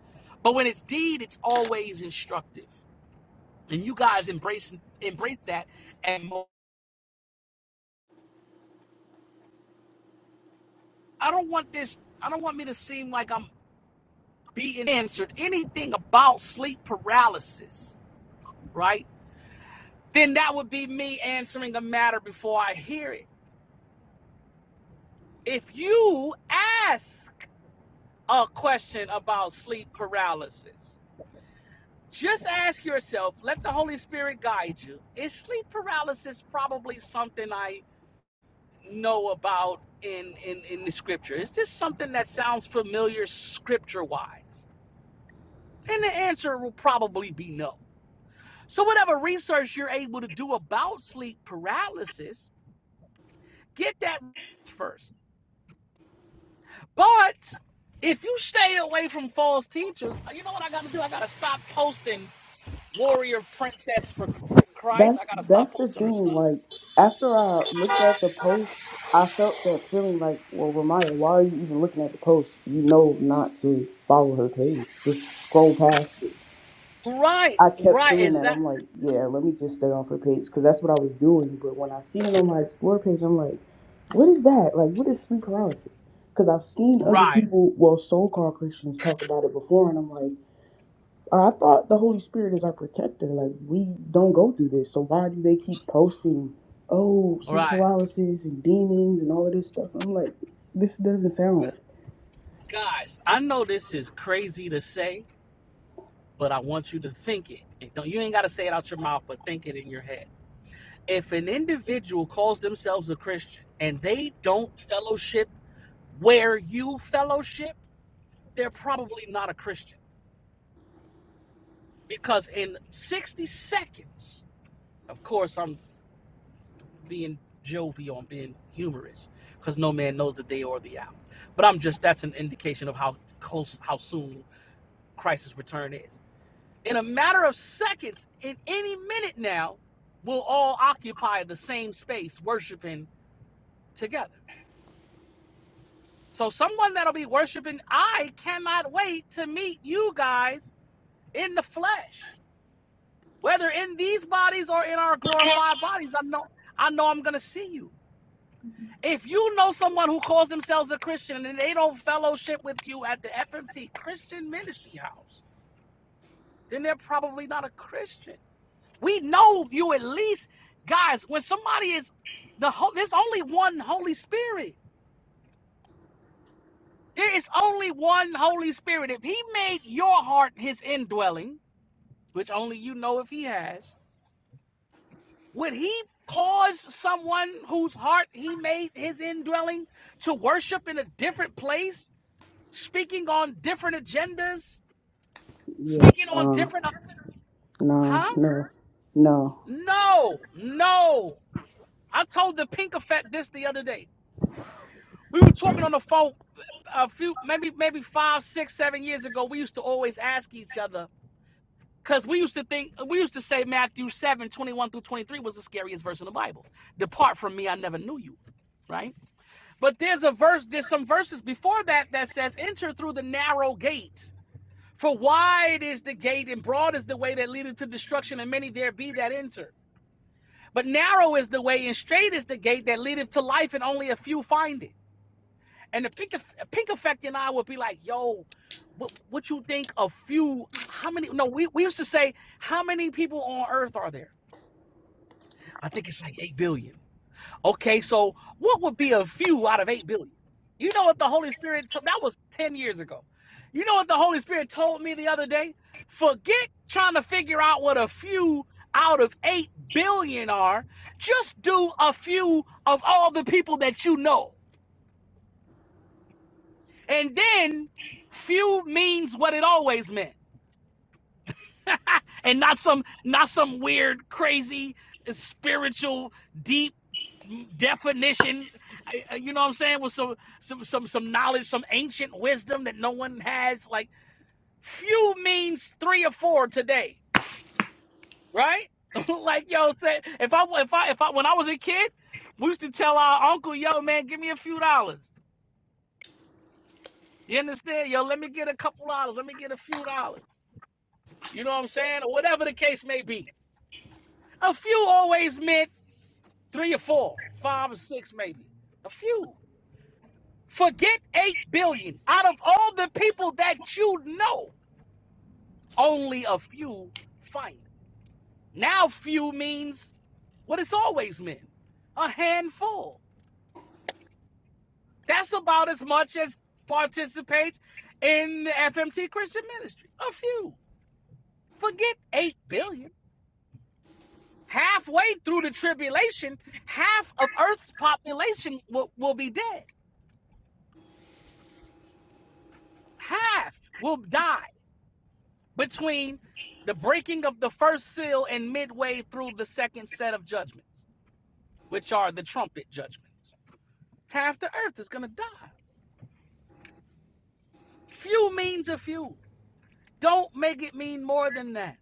But when it's deed, it's always instructive, and you guys embrace embrace that. And I don't want this. I don't want me to seem like I'm being answered anything about sleep paralysis, right? then that would be me answering a matter before I hear it. If you ask a question about sleep paralysis, just ask yourself, let the Holy Spirit guide you. Is sleep paralysis probably something I know about in, in, in the scripture? Is this something that sounds familiar scripture wise? And the answer will probably be no. So, whatever research you're able to do about sleep paralysis, get that first. But if you stay away from false teachers, you know what I got to do? I got to stop posting warrior princess for for Christ. I
that's
got to stop
that's the
posting her
thing.
stuff.
Like after I looked at the post, I felt that feeling like, well, Ramaya, why are you even looking at the post? You know not to follow her page. Just scroll past it.
Right,
I kept
right,
doing
is
that.
that
I'm like, yeah, let me just stay off her page because that's what I was doing. But when I seen it on my explore page, I'm like, what is that? Like, what is sleep paralysis? Because I've seen other
right,
people, well, so-called Christians talk about it before, and I'm like, I thought the Holy Spirit is our protector. Like, we don't go through this, so why do they keep posting, oh, sleep
right,
paralysis and demons and all of this stuff? I'm like, this doesn't sound right.
guys? I know this is crazy to say, but I want you to think it. It Don't you ain't got to say it out your mouth, but think it in your head. If an individual calls themselves a Christian and they don't fellowship where you fellowship, they're probably not a Christian. because in 60 seconds, of course, I'm being jovial, I'm being humorous, because no man knows the day or the hour. But I'm just, that's an indication of how close, how soon Christ's return is. In a matter of seconds, in any minute now, we'll all occupy the same space worshiping together. So, someone that'll be worshiping, I cannot wait to meet you guys in the flesh. whether in these bodies or in our glorified bodies i know i know i'm gonna see you if you know someone who calls themselves a christian and they don't fellowship with you at the fmt christian ministry house then they're probably not a christian we know you at least guys when somebody is the ho- there's only one holy spirit there is only one holy spirit if he made your heart his indwelling which only you know if he has would he cause someone whose heart he made his indwelling to worship in a different place, speaking on different agendas,
Yeah,
speaking on
nah,
different,
nah,
huh?
no, no,
No, no. I told the Pink Effect this the other day. We were talking on the phone a few, maybe, maybe five, six, seven years ago. We used to always ask each other because we used to think, we used to say Matthew 7 21 through 23 was the scariest verse in the Bible. Depart from me, I never knew you, right? But there's a verse, there's some verses before that that says, Enter through the narrow gate. For wide is the gate and broad is the way that leadeth to destruction, and many there be that enter. But narrow is the way and straight is the gate that leadeth to life, and only a few find it. And the pink, pink effect and I would be like, Yo, what, what you think a few? How many? No, we, we used to say, How many people on earth are there? I think it's like 8 billion. Okay, so what would be a few out of 8 billion? You know what the Holy Spirit, t- that was 10 years ago. You know what the Holy Spirit told me the other day? Forget trying to figure out what a few out of 8 billion are. Just do a few of all the people that you know. And then few means what it always meant. And not some not some weird crazy spiritual deep definition you know what i'm saying with some some some some knowledge some ancient wisdom that no one has like few means three or four today right like yo said if i if i if i when i was a kid we used to tell our uncle yo man give me a few dollars you understand yo let me get a couple dollars let me get a few dollars you know what i'm saying or whatever the case may be a few always meant three or four five or six maybe a few Forget 8 billion. Out of all the people that you know, only a few find it. Now, few means what it's always meant a handful. That's about as much as participates in the FMT Christian ministry. A few. Forget 8 billion. Halfway through the tribulation, half of Earth's population will, will be dead. Half will die between the breaking of the first seal and midway through the second set of judgments, which are the trumpet judgments. Half the earth is going to die. Few means a few. Don't make it mean more than that.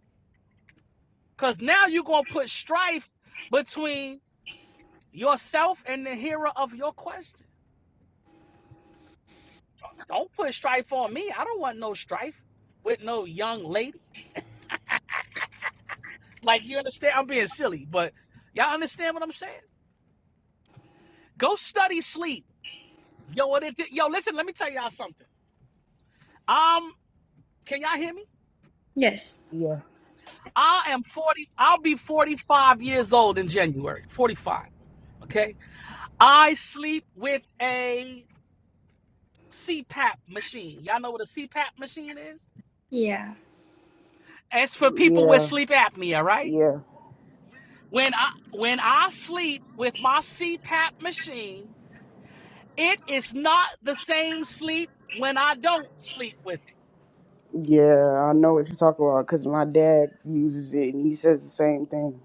Because now you're going to put strife between yourself and the hearer of your question. Don't put strife on me. I don't want no strife with no young lady. Like, you understand? I'm being silly, but y'all understand what I'm saying? Go study sleep. Yo, what it did. Yo, listen, let me tell y'all something. Um, can y'all hear me?
Yes.
yeah,
I am 40, I'll be 45 years old in January. 45. Okay. I sleep with a CPAP machine. Y'all know what a CPAP machine is?
Yeah.
It's for people with
yeah,
sleep apnea, right?
yeah.
When I when I sleep with my CPAP machine, it is not the same sleep when I don't sleep with it.
Yeah, I know what you're talking about because my dad uses it and he says the same thing.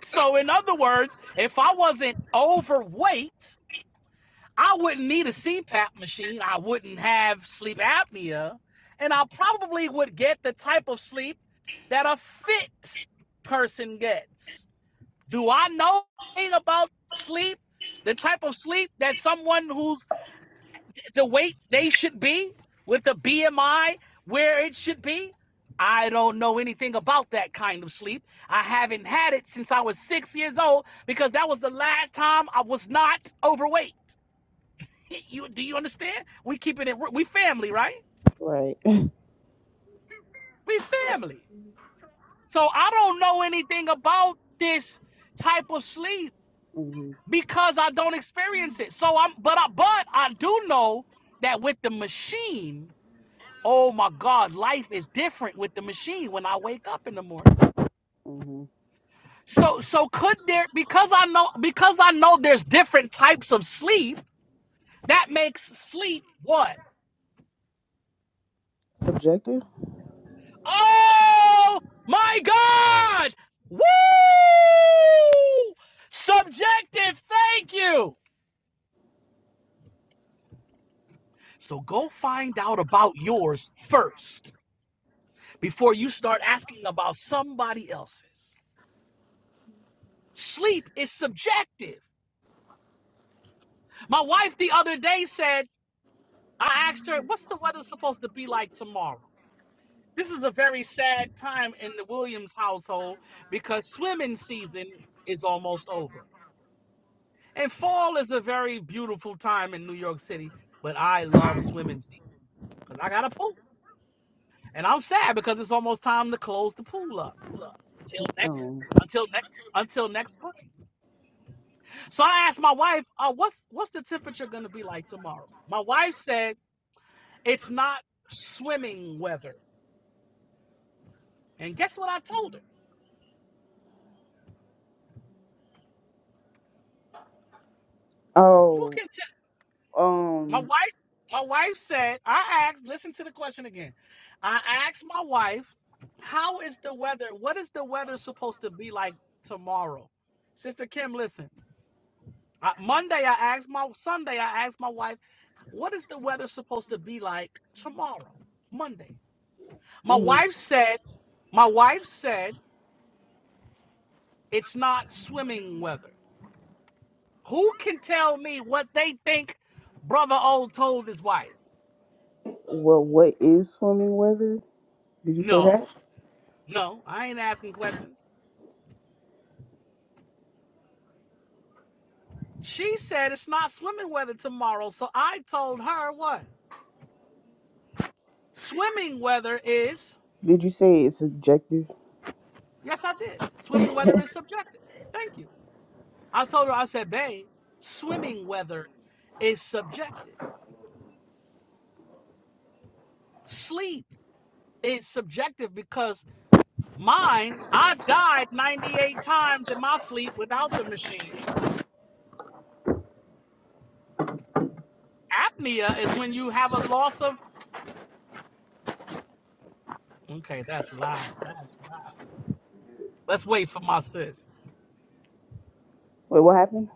So in other words, if I wasn't overweight, I wouldn't need a CPAP machine. I wouldn't have sleep apnea. And I probably would get the type of sleep that a fit person gets. Do I know anything about sleep? The type of sleep that someone who's the weight they should be with the BMI where it should be? I don't know anything about that kind of sleep. I haven't had it since I was six years old because that was the last time I was not overweight. You do you understand? We keep it at work. We family, right?
Right.
We family. So I don't know anything about this type of sleep
hmm
because I don't experience it. So I'm but I but I do know that with the machine, oh my God, life is different with the machine when I wake up in the morning.
hmm
So so could there because I know because I know there's different types of sleep, that makes sleep what?
Subjective?
Oh my God! Woo! Subjective, thank you. So go find out about yours first before you start asking about somebody else's. Sleep is subjective. My wife the other day said, I asked her, what's the weather supposed to be like tomorrow? This is a very sad time in the Williams household because swimming season is almost over. And fall is a very beautiful time in New York City, but I love swimming season because I got a pool. And I'm sad because it's almost time to close the pool up until next
Um,
until next until next spring. So I asked my wife, uh, what's what's the temperature gonna be like tomorrow? My wife said it's not swimming weather. And guess what I told her? You
oh,
can My
um,
wife, my wife said, I asked, listen to the question again. I asked my wife, how is the weather? What is the weather supposed to be like tomorrow? Sister Kim, listen. I, Monday, I asked my Sunday, I asked my wife, what is the weather supposed to be like tomorrow? Monday. My
mhm.
wife said, my wife said, it's not swimming weather. Who can tell me what they think Brother Old told his wife?
well, what is swimming weather? Did you say
No,
that?
no, I ain't asking questions. She said it's not swimming weather tomorrow. So I told her what? Swimming weather is,
Did you say it's subjective?
yes, I did. Swimming weather
Wait,
is subjective. Thank you. I told her, I said, babe, swimming weather is subjective. Sleep is subjective because mine, I died 98 times in my sleep without the machine. Apnea is when you have a loss of, okay, that's loud. That's loud. Let's wait for my sis.
what happened?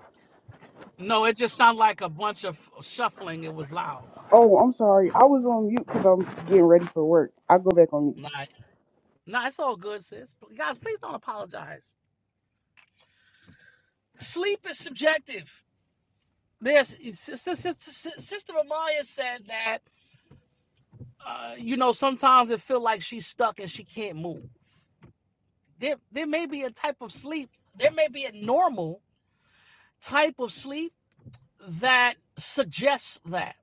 No, it just sounded like a bunch of shuffling. It was loud.
Oh, I'm sorry. I was on mute because I'm getting ready for work. I'll go back on mute.
Nah, nah, it's all good, sis. Guys, please don't apologize. Sleep is subjective. There's Sister Amaya said that uh, you know sometimes it feel like she's stuck and she can't move. There, there may be a type of sleep. There may be a normal type of sleep that suggests that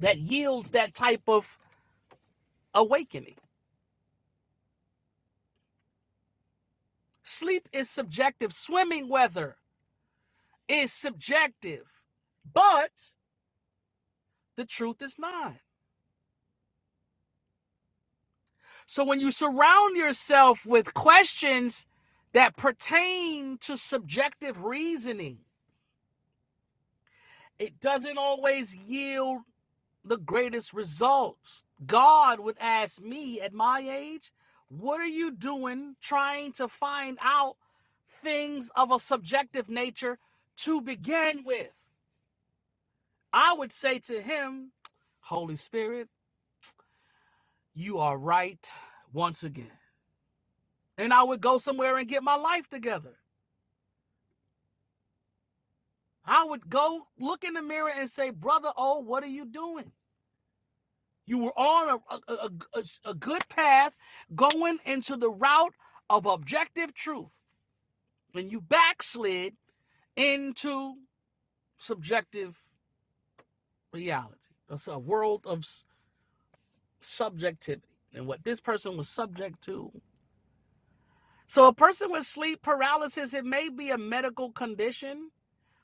that yields that type of awakening. Sleep is subjective. Swimming weather is subjective, but the truth is not. So when you surround yourself with questions that pertain to subjective reasoning, it doesn't always yield the greatest results. God would ask me at my age, What are you doing trying to find out things of a subjective nature to begin with? I would say to him, Holy Spirit, you are right once again. And I would go somewhere and get my life together. I would go look in the mirror and say, Brother, oh, what are you doing? You were on a, a, a, a good path going into the route of objective truth, and you backslid into subjective reality. That's a world of subjectivity and what this person was subject to. So, a person with sleep paralysis, it may be a medical condition,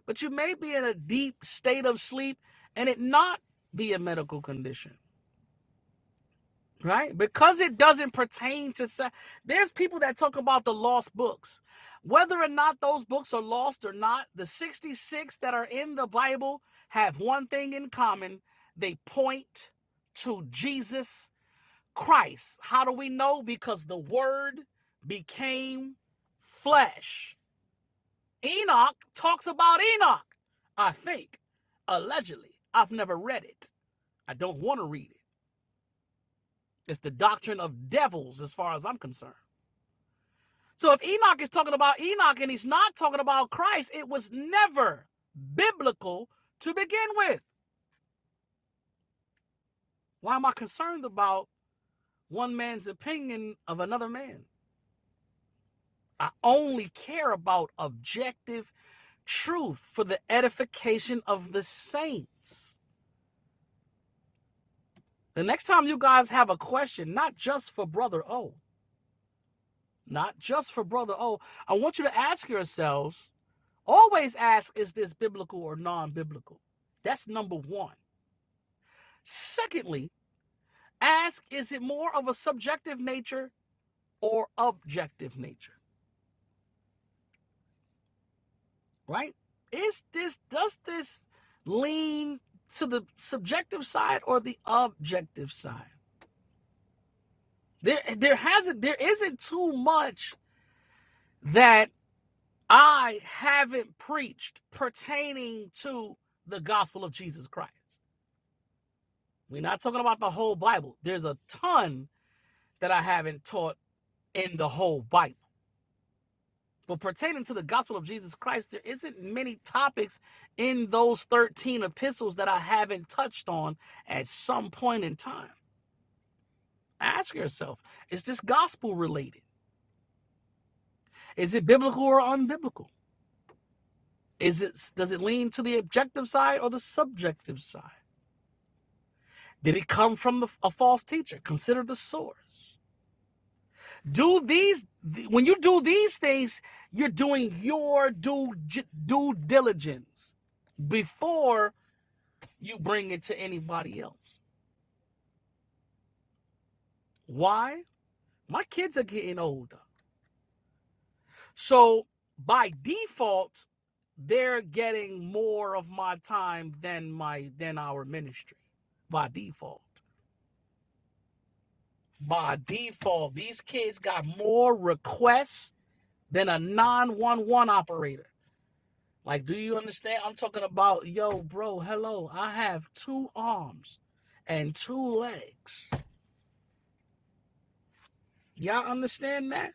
but you may be in a deep state of sleep and it not be a medical condition. right? Because it doesn't pertain to sa- there's people that talk about the lost books. Whether or not those books are lost or not, the 66 that are in the Bible have one thing in common. They point to Jesus Christ. How do we know? Because the word became flesh. Enoch talks about Enoch, I think, allegedly. I've never read it. I don't want to read it. It's the doctrine of devils as far as I'm concerned. So if Enoch is talking about Enoch and he's not talking about Christ, it was never biblical to begin with. Why am I concerned about one man's opinion of another man? I only care about objective truth for the edification of the saints. The next time you guys have a question, not just for Brother O, not just for Brother O, I want you to ask yourselves always ask, is this biblical or non biblical? That's number one. Secondly, ask is it more of a subjective nature or objective nature, right? Is this does this lean to the subjective side or the objective side? There there hasn't there isn't too much that I haven't preached pertaining to the gospel of Jesus Christ. We're not talking about the whole Bible. There's a ton that I haven't taught in the whole Bible But pertaining to the gospel of Jesus Christ, there isn't many topics in those 13 epistles that I haven't touched on at some point in time. Ask yourself, is this gospel related? Is it biblical or unbiblical? Is it does it lean to the objective side or the subjective side? Did it come from the, a false teacher? Consider the source. Do these when you do these things, you're doing your due due diligence before you bring it to anybody else. Why? My kids are getting older. So by default, they're getting more of my time than my than our ministry. By default. By default, these kids got more requests than a 911 operator. Like, do you understand? I'm talking about, yo, bro, hello. I have two arms and two legs. Y'all understand that?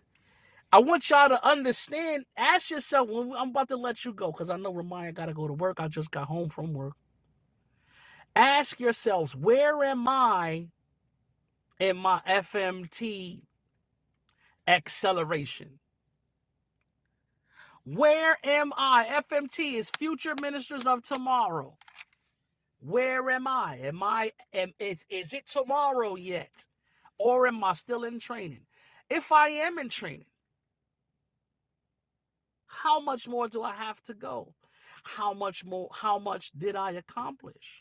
I want y'all to understand. Ask yourself when I'm about to let you go because I know Ramaya got to go to work. I just got home from work. Ask yourselves, where am I in my FMT acceleration? Where am I? FMT is Future Ministers of Tomorrow. Where am I? Am I? Am, is, is it tomorrow yet, or am I still in training? If I am in training, how much more do I have to go? How much more? How much did I accomplish?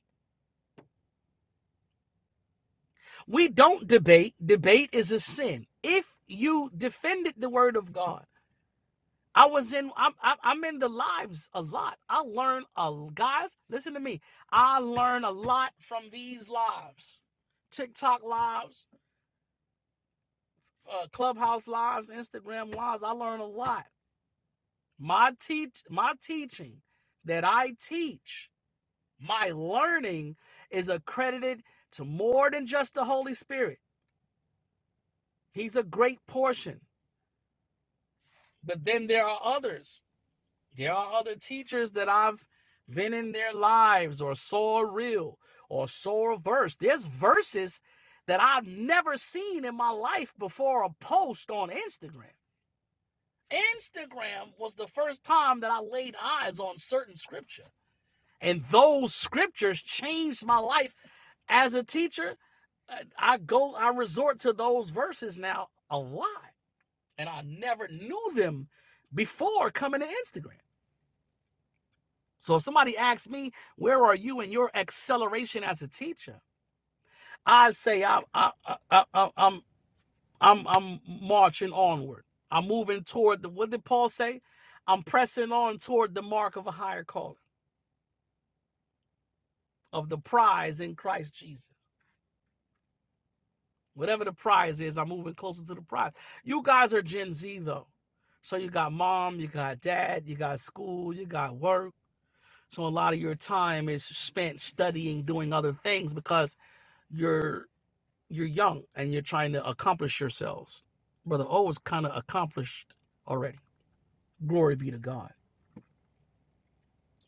We don't debate. Debate is a sin. If you defended the word of God, I was in. I'm. I'm in the lives a lot. I learn a guys. Listen to me. I learn a lot from these lives, TikTok lives, uh, Clubhouse lives, Instagram lives. I learn a lot. My teach. My teaching that I teach. My learning is accredited to more than just the Holy Spirit. He's a great portion. But then there are others. There are other teachers that I've been in their lives or saw a reel or saw a verse. There's verses that I've never seen in my life before a post on Instagram. Instagram was the first time that I laid eyes on certain scripture. And those scriptures changed my life as a teacher. I I go, I resort to those verses now a lot and I never knew them before coming to Instagram. So if somebody asks me, "Where are you in your acceleration as a teacher?" I'd say I, I, I, I, I- I'm I'm I'm marching onward. I'm moving toward the. What did Paul say? I'm pressing on toward the mark of a higher calling of the prize in Christ Jesus. Whatever the prize is, I'm moving closer to the prize. You guys are Gen Z though, so you got mom, you got dad, you got school, you got work So a lot of your time is spent studying, doing other things because you're you're young and you're trying to accomplish yourselves. Brother O was kind of accomplished already. Glory be to God.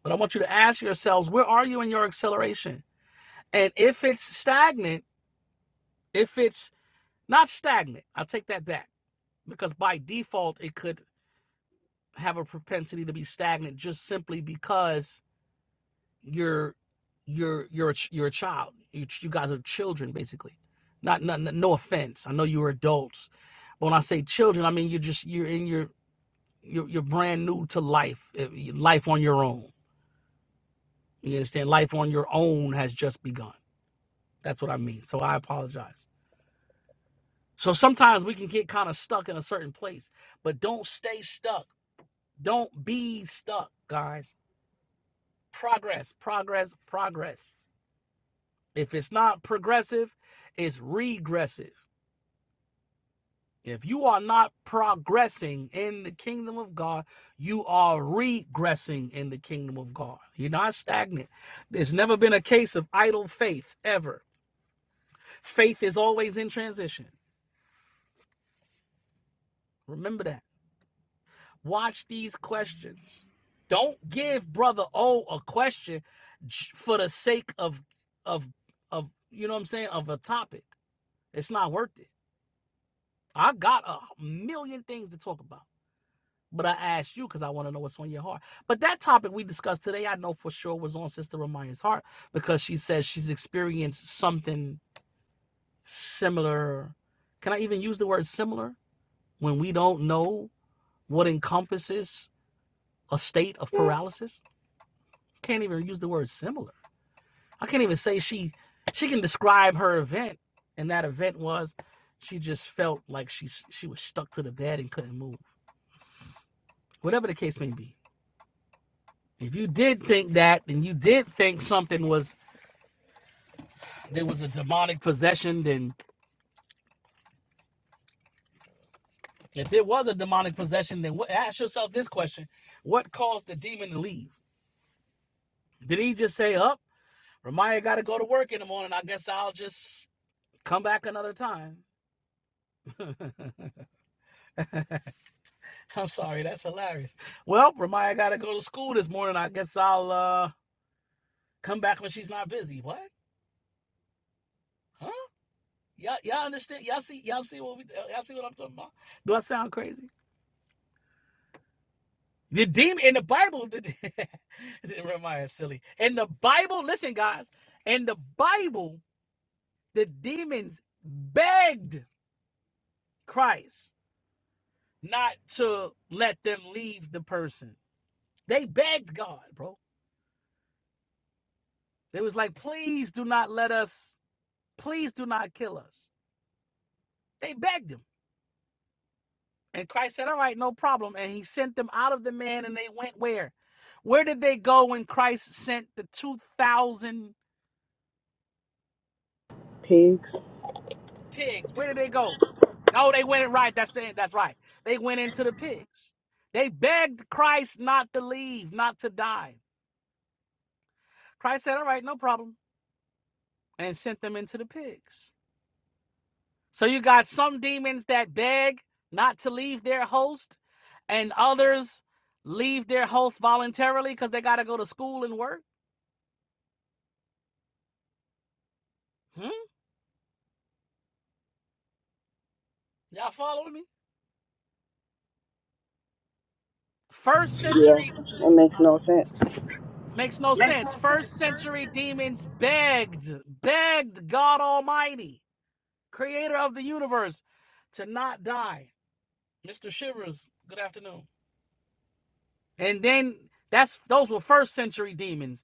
But I want you to ask yourselves, where are you in your acceleration? And if it's stagnant, if it's not stagnant, I take that back because by default it could have a propensity to be stagnant just simply because you're you're you're a, you're a child. You you guys are children basically. Not, not no offense. I know you're adults, but when I say children, I mean you're just you're in your you're, you're brand new to life. eh, Life on your own. You understand? Life on your own has just begun. That's what I mean. So I apologize. So sometimes we can get kind of stuck in a certain place, but don't stay stuck. Don't be stuck, guys. Progress, progress, progress. If it's not progressive, it's regressive If you are not progressing in the kingdom of God, you are regressing in the kingdom of God. You're not stagnant. There's never been a case of idle faith ever. Faith is always in transition. Remember that. Watch these questions. Don't give brother O a question for the sake of of of you know what I'm saying of a topic. It's not worth it. I got a million things to talk about. But I asked you because I want to know what's on your heart. But that topic we discussed today, I know for sure was on Sister Ramaya's heart because she says she's experienced something similar. Can I even use the word similar when we don't know what encompasses a state of paralysis? Can't even use the word similar. I can't even say she she can describe her event, and that event was she just felt like she she was stuck to the bed and couldn't move. Whatever the case may be. If you did think that, and you did think something was there was a demonic possession, then if there was a demonic possession, then what, ask yourself this question: What caused the demon to leave? Did he just say, "Up, oh, Ramaya got to go to work in the morning. I guess I'll just come back another time." I'm sorry, that's hilarious. Well, Ramaya got to go to school this morning. I guess I'll uh, come back when she's not busy. What? Huh? Y'all, y'all understand? Y'all see? Y'all see what we? Y'all see what I'm talking about? Do I sound crazy? The demon in the Bible, the, the- Jeremiah is silly. In the Bible, listen, guys. In the Bible, the demons begged Christ not to let them leave the person. They begged God, bro. They was like, please do not let us, please do not kill us. They begged him. And Christ said, all right, no problem. And he sent them out of the man and they went where? Where did they go when Christ sent the 2,000
Pigs?
pigs? Where did they go? Oh, they went in right. That's the that's right. They went into the pigs. They begged Christ not to leave, not to die. Christ said, All right, no problem, and sent them into the pigs. So you got some demons that beg not to leave their host, and others leave their host voluntarily because they gotta go to school and work. Hmm? Y'all following me? First
Yeah,
century
that makes no sense.
makes no sense. First century demons begged, begged God Almighty creator of the universe, to not die. Mr. Shivers, good afternoon. And then that's those were first century demons.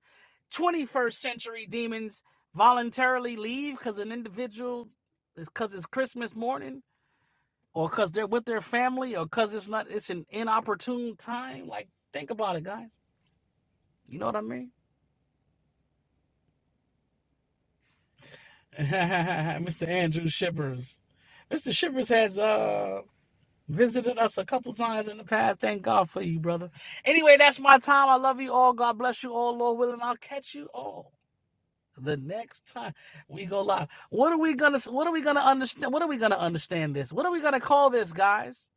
21st century demons voluntarily leave because an individual because it's Christmas morning or because they're with their family or because it's not it's an inopportune time. Like think about it, guys. You know what I mean? Mr. Andrew Shivers. Mr. Shivers has uh Visited us a couple times in the past. Thank God for you, brother. Anyway, that's my time. I love you all. God bless you all, Lord willing. I'll catch you all the next time we go live. What are we gonna what are we gonna understand? What are we gonna understand this? What are we gonna call this, guys?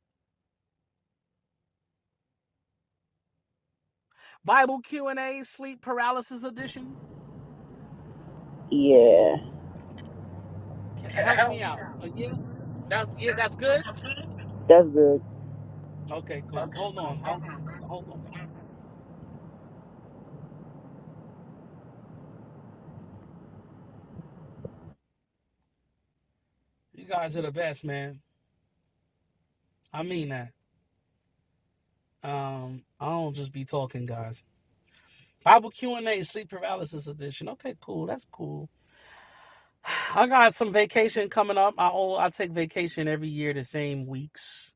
Bible Q and A, sleep paralysis edition?
Yeah,
Help me out. Uh, yeah, that's yeah, that's good.
that's good.
Okay, cool. Hold on. Don't hold on. You guys are the best, man. I mean that. Um, I don't just be talking, guys. Bible Q and A, sleep paralysis edition. Okay, cool. That's cool. I got some vacation coming up. I all I take vacation every year the same weeks.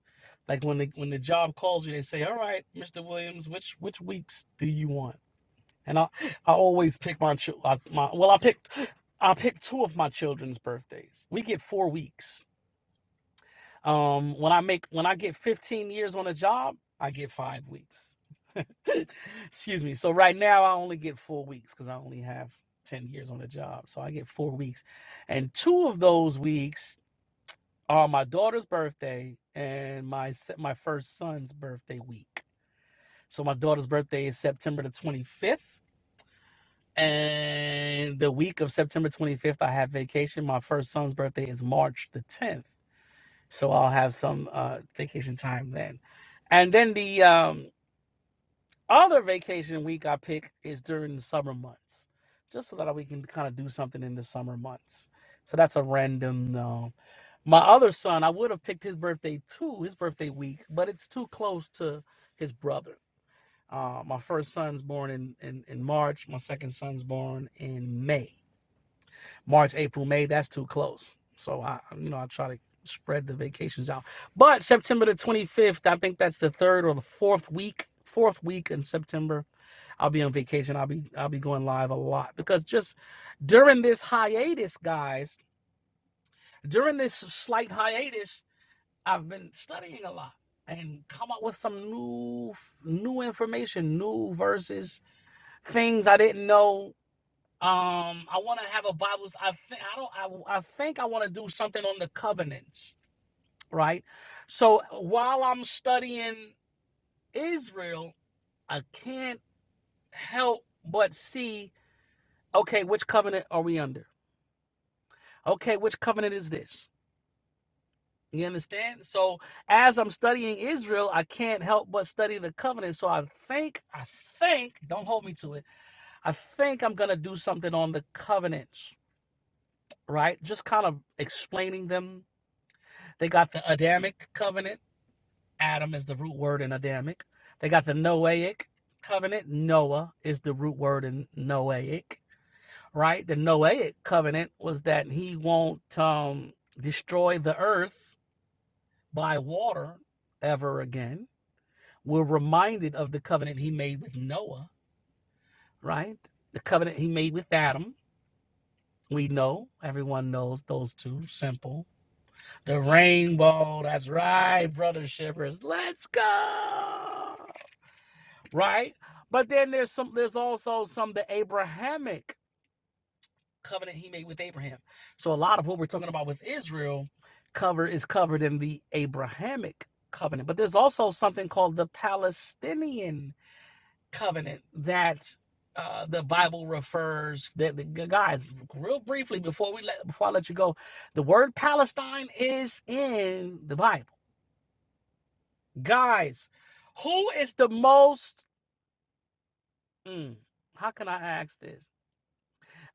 Like when the when the job calls you, they say, "All right, Mr. Williams, which which weeks do you want?" And I I always pick my chil- my well I picked I picked two of my children's birthdays. We get four weeks, um, when I make when I get 15 years on a job, I get five weeks. Excuse me. So right now I only get four weeks because I only have 10 years on a job. So I get four weeks. And two of those weeks are my daughter's birthday and my se- my first son's birthday week. So my daughter's birthday is September the 25th. And the week of September 25th, I have vacation. My first son's birthday is March the 10th so I'll have some uh, vacation time then. And then the um, other vacation week I pick is during the summer months, just so that we can kind of do something in the summer months. So that's a random. No, my other son, I would have picked his birthday too, his birthday week, but it's too close to his brother. Uh, my first son's born in, in in March. My second son's born in May. March, April, May, that's too close. So I, you know, I try to spread the vacations out. But September the 25th, I think that's the third or the fourth week, fourth week in September, I'll be on vacation. I'll be I'll be going live a lot because just during this hiatus, guys, during this slight hiatus, I've been studying a lot and come up with some new new information, new verses, things I didn't know um, I want to have a Bible. I think I don't. I, I think I want to do something on the covenants, right? So while I'm studying Israel, I can't help but see. Okay, which covenant are we under? Okay, which covenant is this? You understand? So as I'm studying Israel, I can't help but study the covenant. So I think, I think, don't hold me to it. I think I'm gonna do something on the covenants, right? Just kind of explaining them They got the Adamic covenant. Adam is the root word in Adamic. They got the Noahic covenant. Noah is the root word in Noahic, right? The Noahic covenant was that he won't um, destroy the earth by water ever again. We're reminded of the covenant he made with Noah, right? The covenant he made with Adam. We know, everyone knows those two, simple The rainbow. That's right, brother Shivers. Let's go. Right? But then there's some there's also some the Abrahamic covenant he made with Abraham. So a lot of what we're talking about with Israel cover is covered in the Abrahamic covenant. But there's also something called the Palestinian covenant that uh, the Bible refers that the guys real briefly before we let before I let you go, the word Palestine is in the Bible Guys, who is the most. Mm, how can I ask this?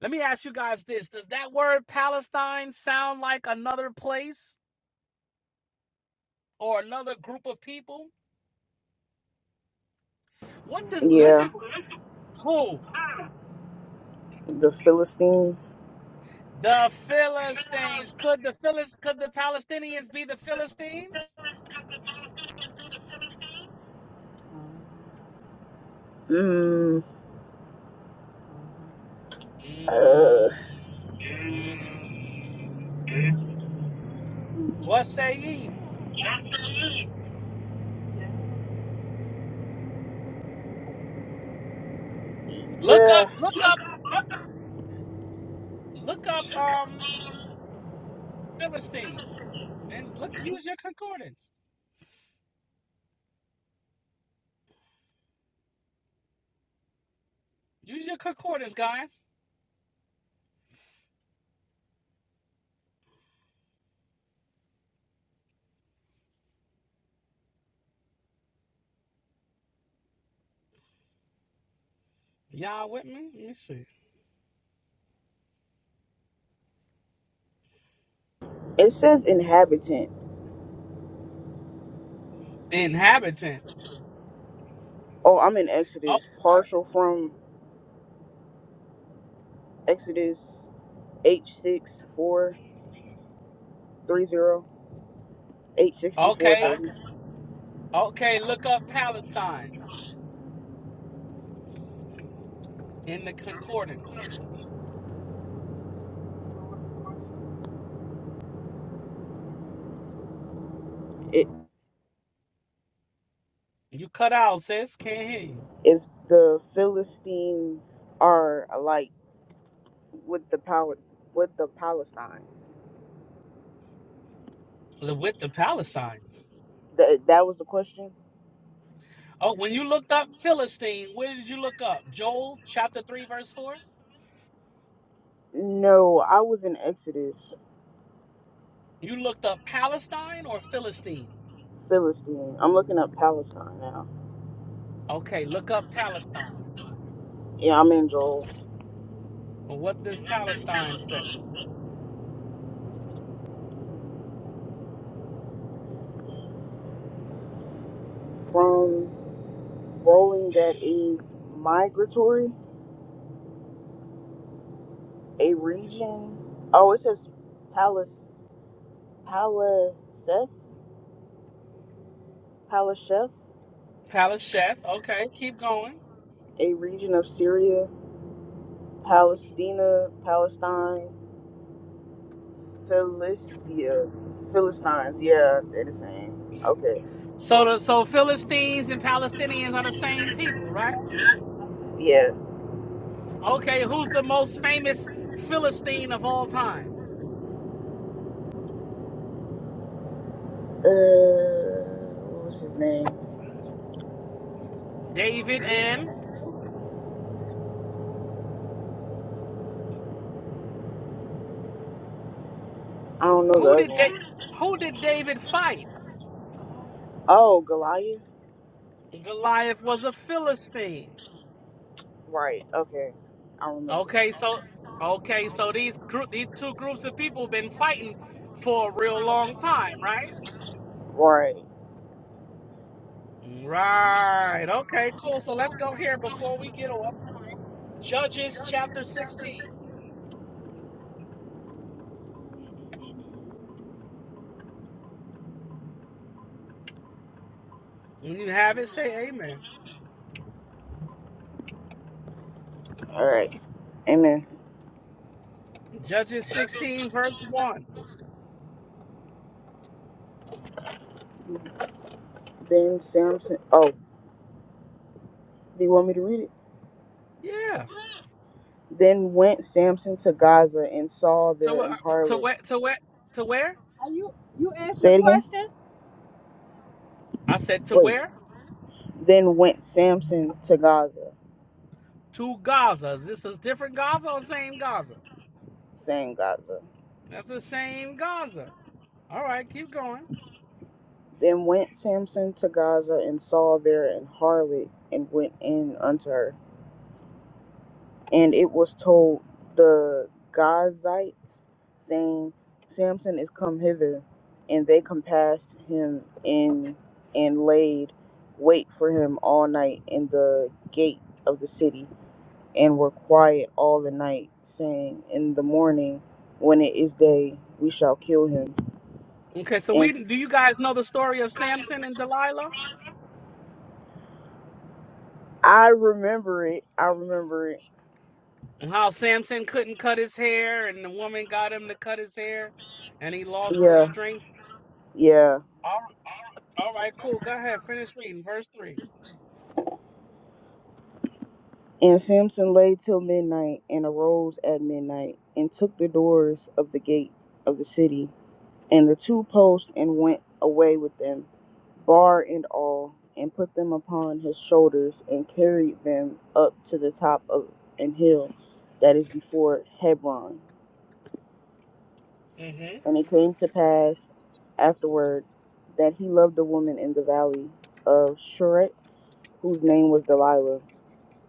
Let me ask you guys this. Does that word Palestine sound like another place or another group of people? What does. Listen,
Yeah,
who?
the Philistines.
The Philistines. Could the Philist, could the Palestinians be the Philistines?
Mm, uh,
Mm, mm. What say ye? Look up,
the,
look up, look up um Philistine and look use your concordance. Use your concordance, guys. Y'all with me? Let me see.
it says inhabitant.
Inhabitant.
Oh, I'm in Exodus, partial from Exodus H six four three zero H sixty
Oh,
four
okay.
thirty.
Okay, look up Palestine in the concordance.
It
You cut out, sis. Can't hear you.
if the Philistines are alike with the power with the Palestines.
Li- With the Palestines.
That that was the question.
Oh, when you looked up Philistine, where did you look up? Joel chapter 3, verse 4?
No, I was in Exodus
You looked up Palestine or Philistine?
Philistine. I'm looking up Palestine now.
Okay, look up Palestine.
Yeah, I'm in Joel
Well, What does Palestine say?
from. rolling that is migratory, a region. Oh, it says Palis, Paliseth, Palasheth,
Palasheth. Okay, keep going.
a region of Syria, Palestina, Palestine, Philistia, Philistines. Yeah, they're the same. Okay,
So the so Philistines and Palestinians are the same people, right?
yeah.
Okay, who's the most famous Philistine of all time?
Uh, what was his name?
David and
I don't know the
who
other
did da-
one.
who did David fight?
Oh, Goliath.
Goliath was a Philistine.
Right. Okay, I remember.
Okay, so okay, so these group these two groups of people been fighting for a real long time, right?
Right.
Right. Okay, cool. So let's go here before we get off. Judges chapter 16. When you have it, say amen.
All right. Amen.
Judges 16 verse 1.
Then Samson, oh, do you want me to read it?
Yeah.
Then went Samson to Gaza and saw there
To
an
wh- to
harlot.
where to where to where?
Say it again.
I said to
Wait.
where?
Then went Samson to Gaza,
To Gaza. Is this a different Gaza or same Gaza?
saying Gaza.
That's the same Gaza. All right, keep going.
Then went Samson to Gaza and saw there an harlot and went in unto her. and it was told the Gazites, saying, Samson is come hither. And they compassed him in and laid wait for him all night in the gate of the city, and were quiet all the night, saying, In the morning, when it is day, we shall kill him.
Okay, so
And
we do you guys know the story of Samson and Delilah?
I remember it. I remember it.
And how Samson couldn't cut his hair and the woman got him to cut his hair and he lost his
Yeah.
strength.
Yeah.
All right, all right cool. Go ahead, finish reading verse 3.
And Samson lay till midnight, and arose at midnight, and took the doors of the gate of the city, and the two posts, and went away with them, bar and all, and put them upon his shoulders, and carried them up to the top of an hill that is before Hebron.
mm
And it came to pass afterward that he loved a woman in the valley of Shuret, whose name was Delilah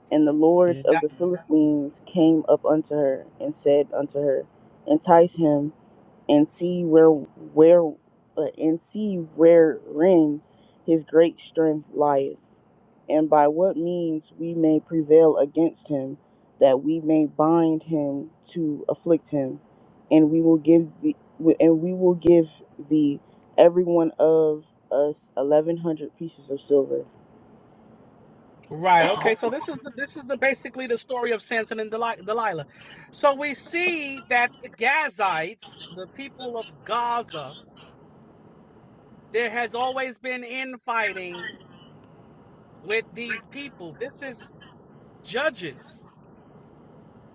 And the
Mhm.
lords
Now-
of the Philistines came up unto her and said unto her, Entice him and see where where uh, and see wherein his great strength lieth, and by what means we may prevail against him, that we may bind him to afflict him, and we will give the and we will give thee every one of us eleven hundred pieces of silver.
Right. Okay. So this is the this is the basically the story of Samson and Deli- Delilah. So we see that the Gazites, the people of Gaza, There has always been infighting with these people. This is judges.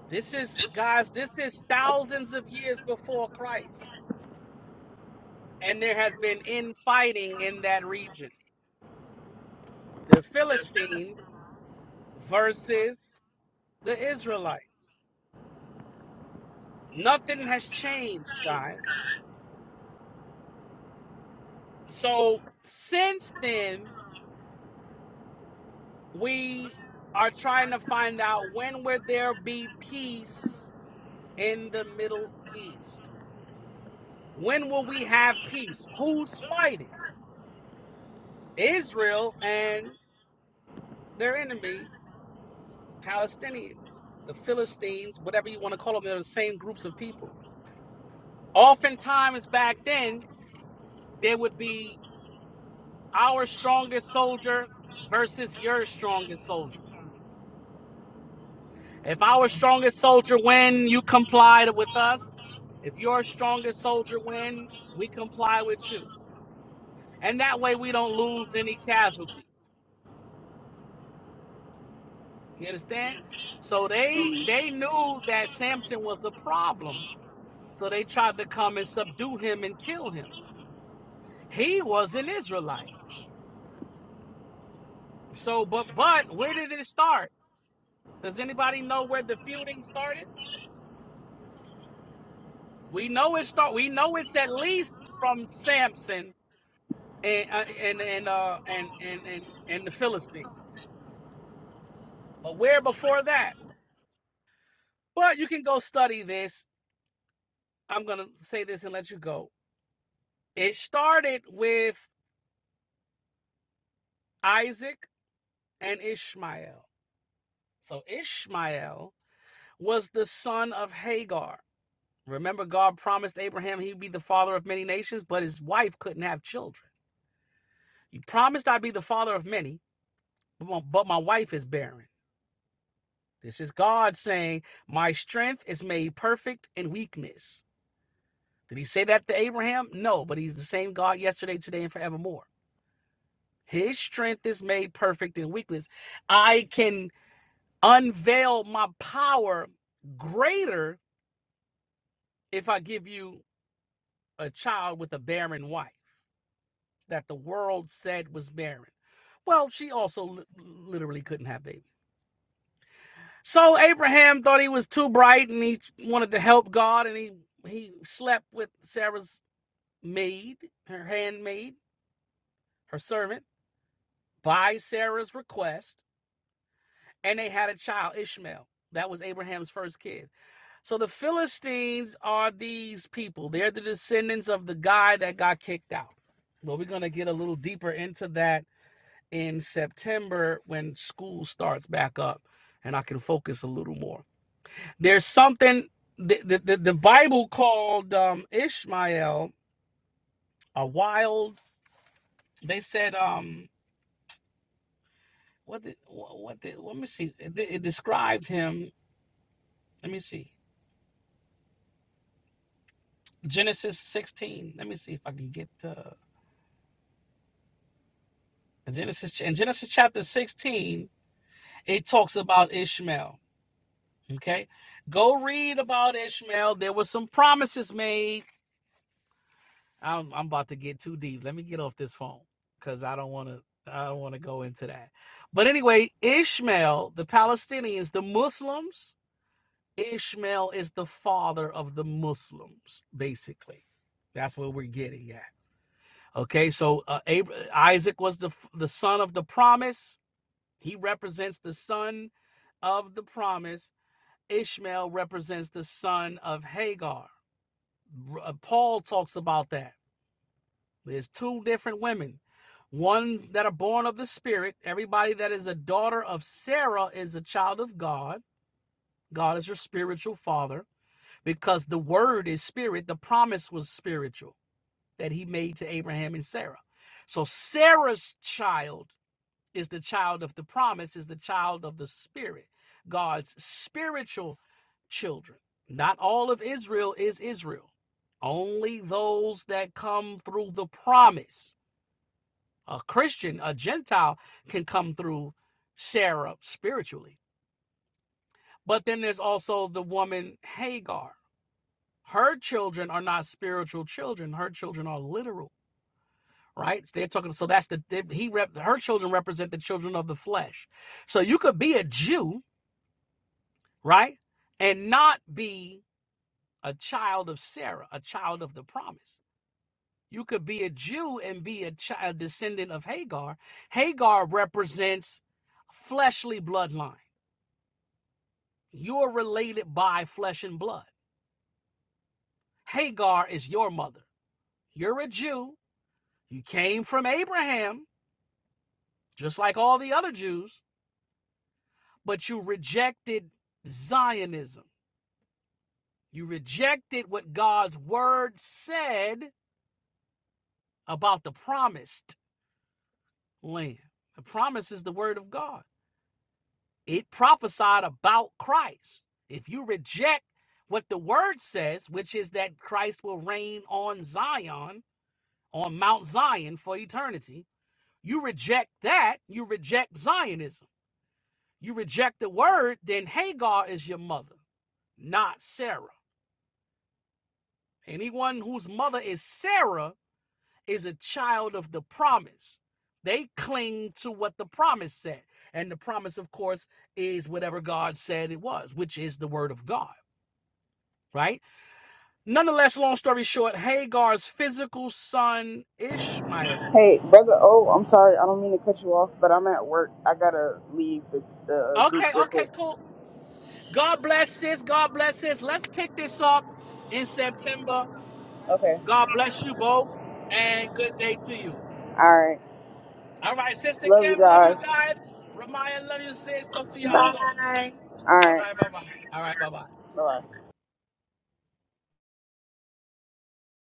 This is guys, this is thousands of years before Christ. And there has been infighting in that region. The Philistines versus the Israelites. Nothing has changed, guys. So since then, we are trying to find out when will there be peace in the Middle East. When will we have peace? Who's fighting? Israel and their enemy, Palestinians, the Philistines, whatever you want to call them, they're the same groups of people. Oftentimes back then, there would be our strongest soldier versus your strongest soldier. If our strongest soldier win, you comply with us. If your strongest soldier win, we comply with you. And that way we don't lose any casualties. You understand? So they they
Mhm.
knew that Samson was a problem. So they tried to come and subdue him and kill him. He was an Israelite. So but but where did it start? Does anybody know where the feuding started? We know it start we know it's at least from Samson and uh, and and uh and and and, and the Philistine. But where before that? But you can go study this. I'm going to say this and let you go. It started with Isaac and Ishmael. So Ishmael was the son of Hagar. Remember, God promised Abraham he'd be the father of many nations, but his wife couldn't have children. You promised I'd be the father of many, but my but my wife is barren. This is God saying, My strength is made perfect in weakness. Did he say that to Abraham? No, but he's the same God yesterday, today, and forevermore. His strength is made perfect in weakness. I can unveil my power greater if I give you a child with a barren wife that the world said was barren? Well, she also li- literally couldn't have babies. So Abraham thought he was too bright and he wanted to help God and he he slept with Sarah's maid, her handmaid, her servant, by Sarah's request, and they had a child, Ishmael. That was Abraham's first kid. So the Philistines are these people. They're the descendants of the guy that got kicked out. But we're going to get a little deeper into that in September when school starts back up and I can focus a little more. There's something the, the, the, the Bible called um, Ishmael a wild, they said, um, what did, what did, let me see. It, it described him. Let me see. Genesis 16. Let me see if I can get the In Genesis, in Genesis chapter 16, it talks about Ishmael. Okay. Go read about Ishmael. There were some promises made. I'm, I'm about to get too deep. Let me get off this phone because I don't want to. I don't want to go into that. But anyway, Ishmael, the Palestinians, the Muslims, Ishmael is the father of the Muslims, basically. That's what we're getting at. Okay, so uh, Ab- Isaac was the the son of the promise He represents the son of the promise. Ishmael represents the son of Hagar. uh, Paul talks about that. There's two different women. One that are born of the spirit. Everybody that is a daughter of Sarah is a child of God. God is your spiritual father because the word is spirit. The promise was spiritual that he made to Abraham and Sarah. So Sarah's child is the child of the promise, is the child of the spirit, God's spiritual children. Not all of Israel is Israel, only those that come through the promise. A Christian, a Gentile can come through Sarah spiritually. But then there's also the woman Hagar. Her children are not spiritual children, her children are literal. Right, So they're talking. So that's the they- he rep. Her children represent the children of the flesh. So you could be a Jew, right? And not be a child of Sarah, a child of the promise. You could be a Jew and be a, child, a descendant of Hagar. Hagar represents fleshly bloodline. You're related by flesh and blood. Hagar is your mother. You're a Jew. You came from Abraham, just like all the other Jews, but you rejected Zionism. You rejected what God's word said about the promise. land. The promise is the word of God. It prophesied about Christ. If you reject what the word says, which is that Christ will reign on Zion, on Mount Zion for eternity, you reject that, you reject Zionism. You reject the word, then Hagar is your mother, not Sarah. Anyone whose mother is Sarah is a child of the promise. They cling to what the promise said. And the promise, of course, is whatever God said it was, which is the word of God, right? Nonetheless, long story short, Hagar's physical son, Ishmael.
Hey, brother. Oh, I'm sorry. I don't mean to cut you off, but I'm at work. I gotta leave the, the
Okay,
group
okay,
real quick.
cool. God bless sis. God bless sis. Let's pick this up in September.
Okay.
God bless you both and good day to you.
All right.
All right, Sister
Love you
Kim, love you
guys.
guys. Ramaya, love you, sis. Talk to
All
y'all
right.
soon.
Bye. Thank
All
All
right.
right, bye
you.
bye. All right, bye bye.
Bye.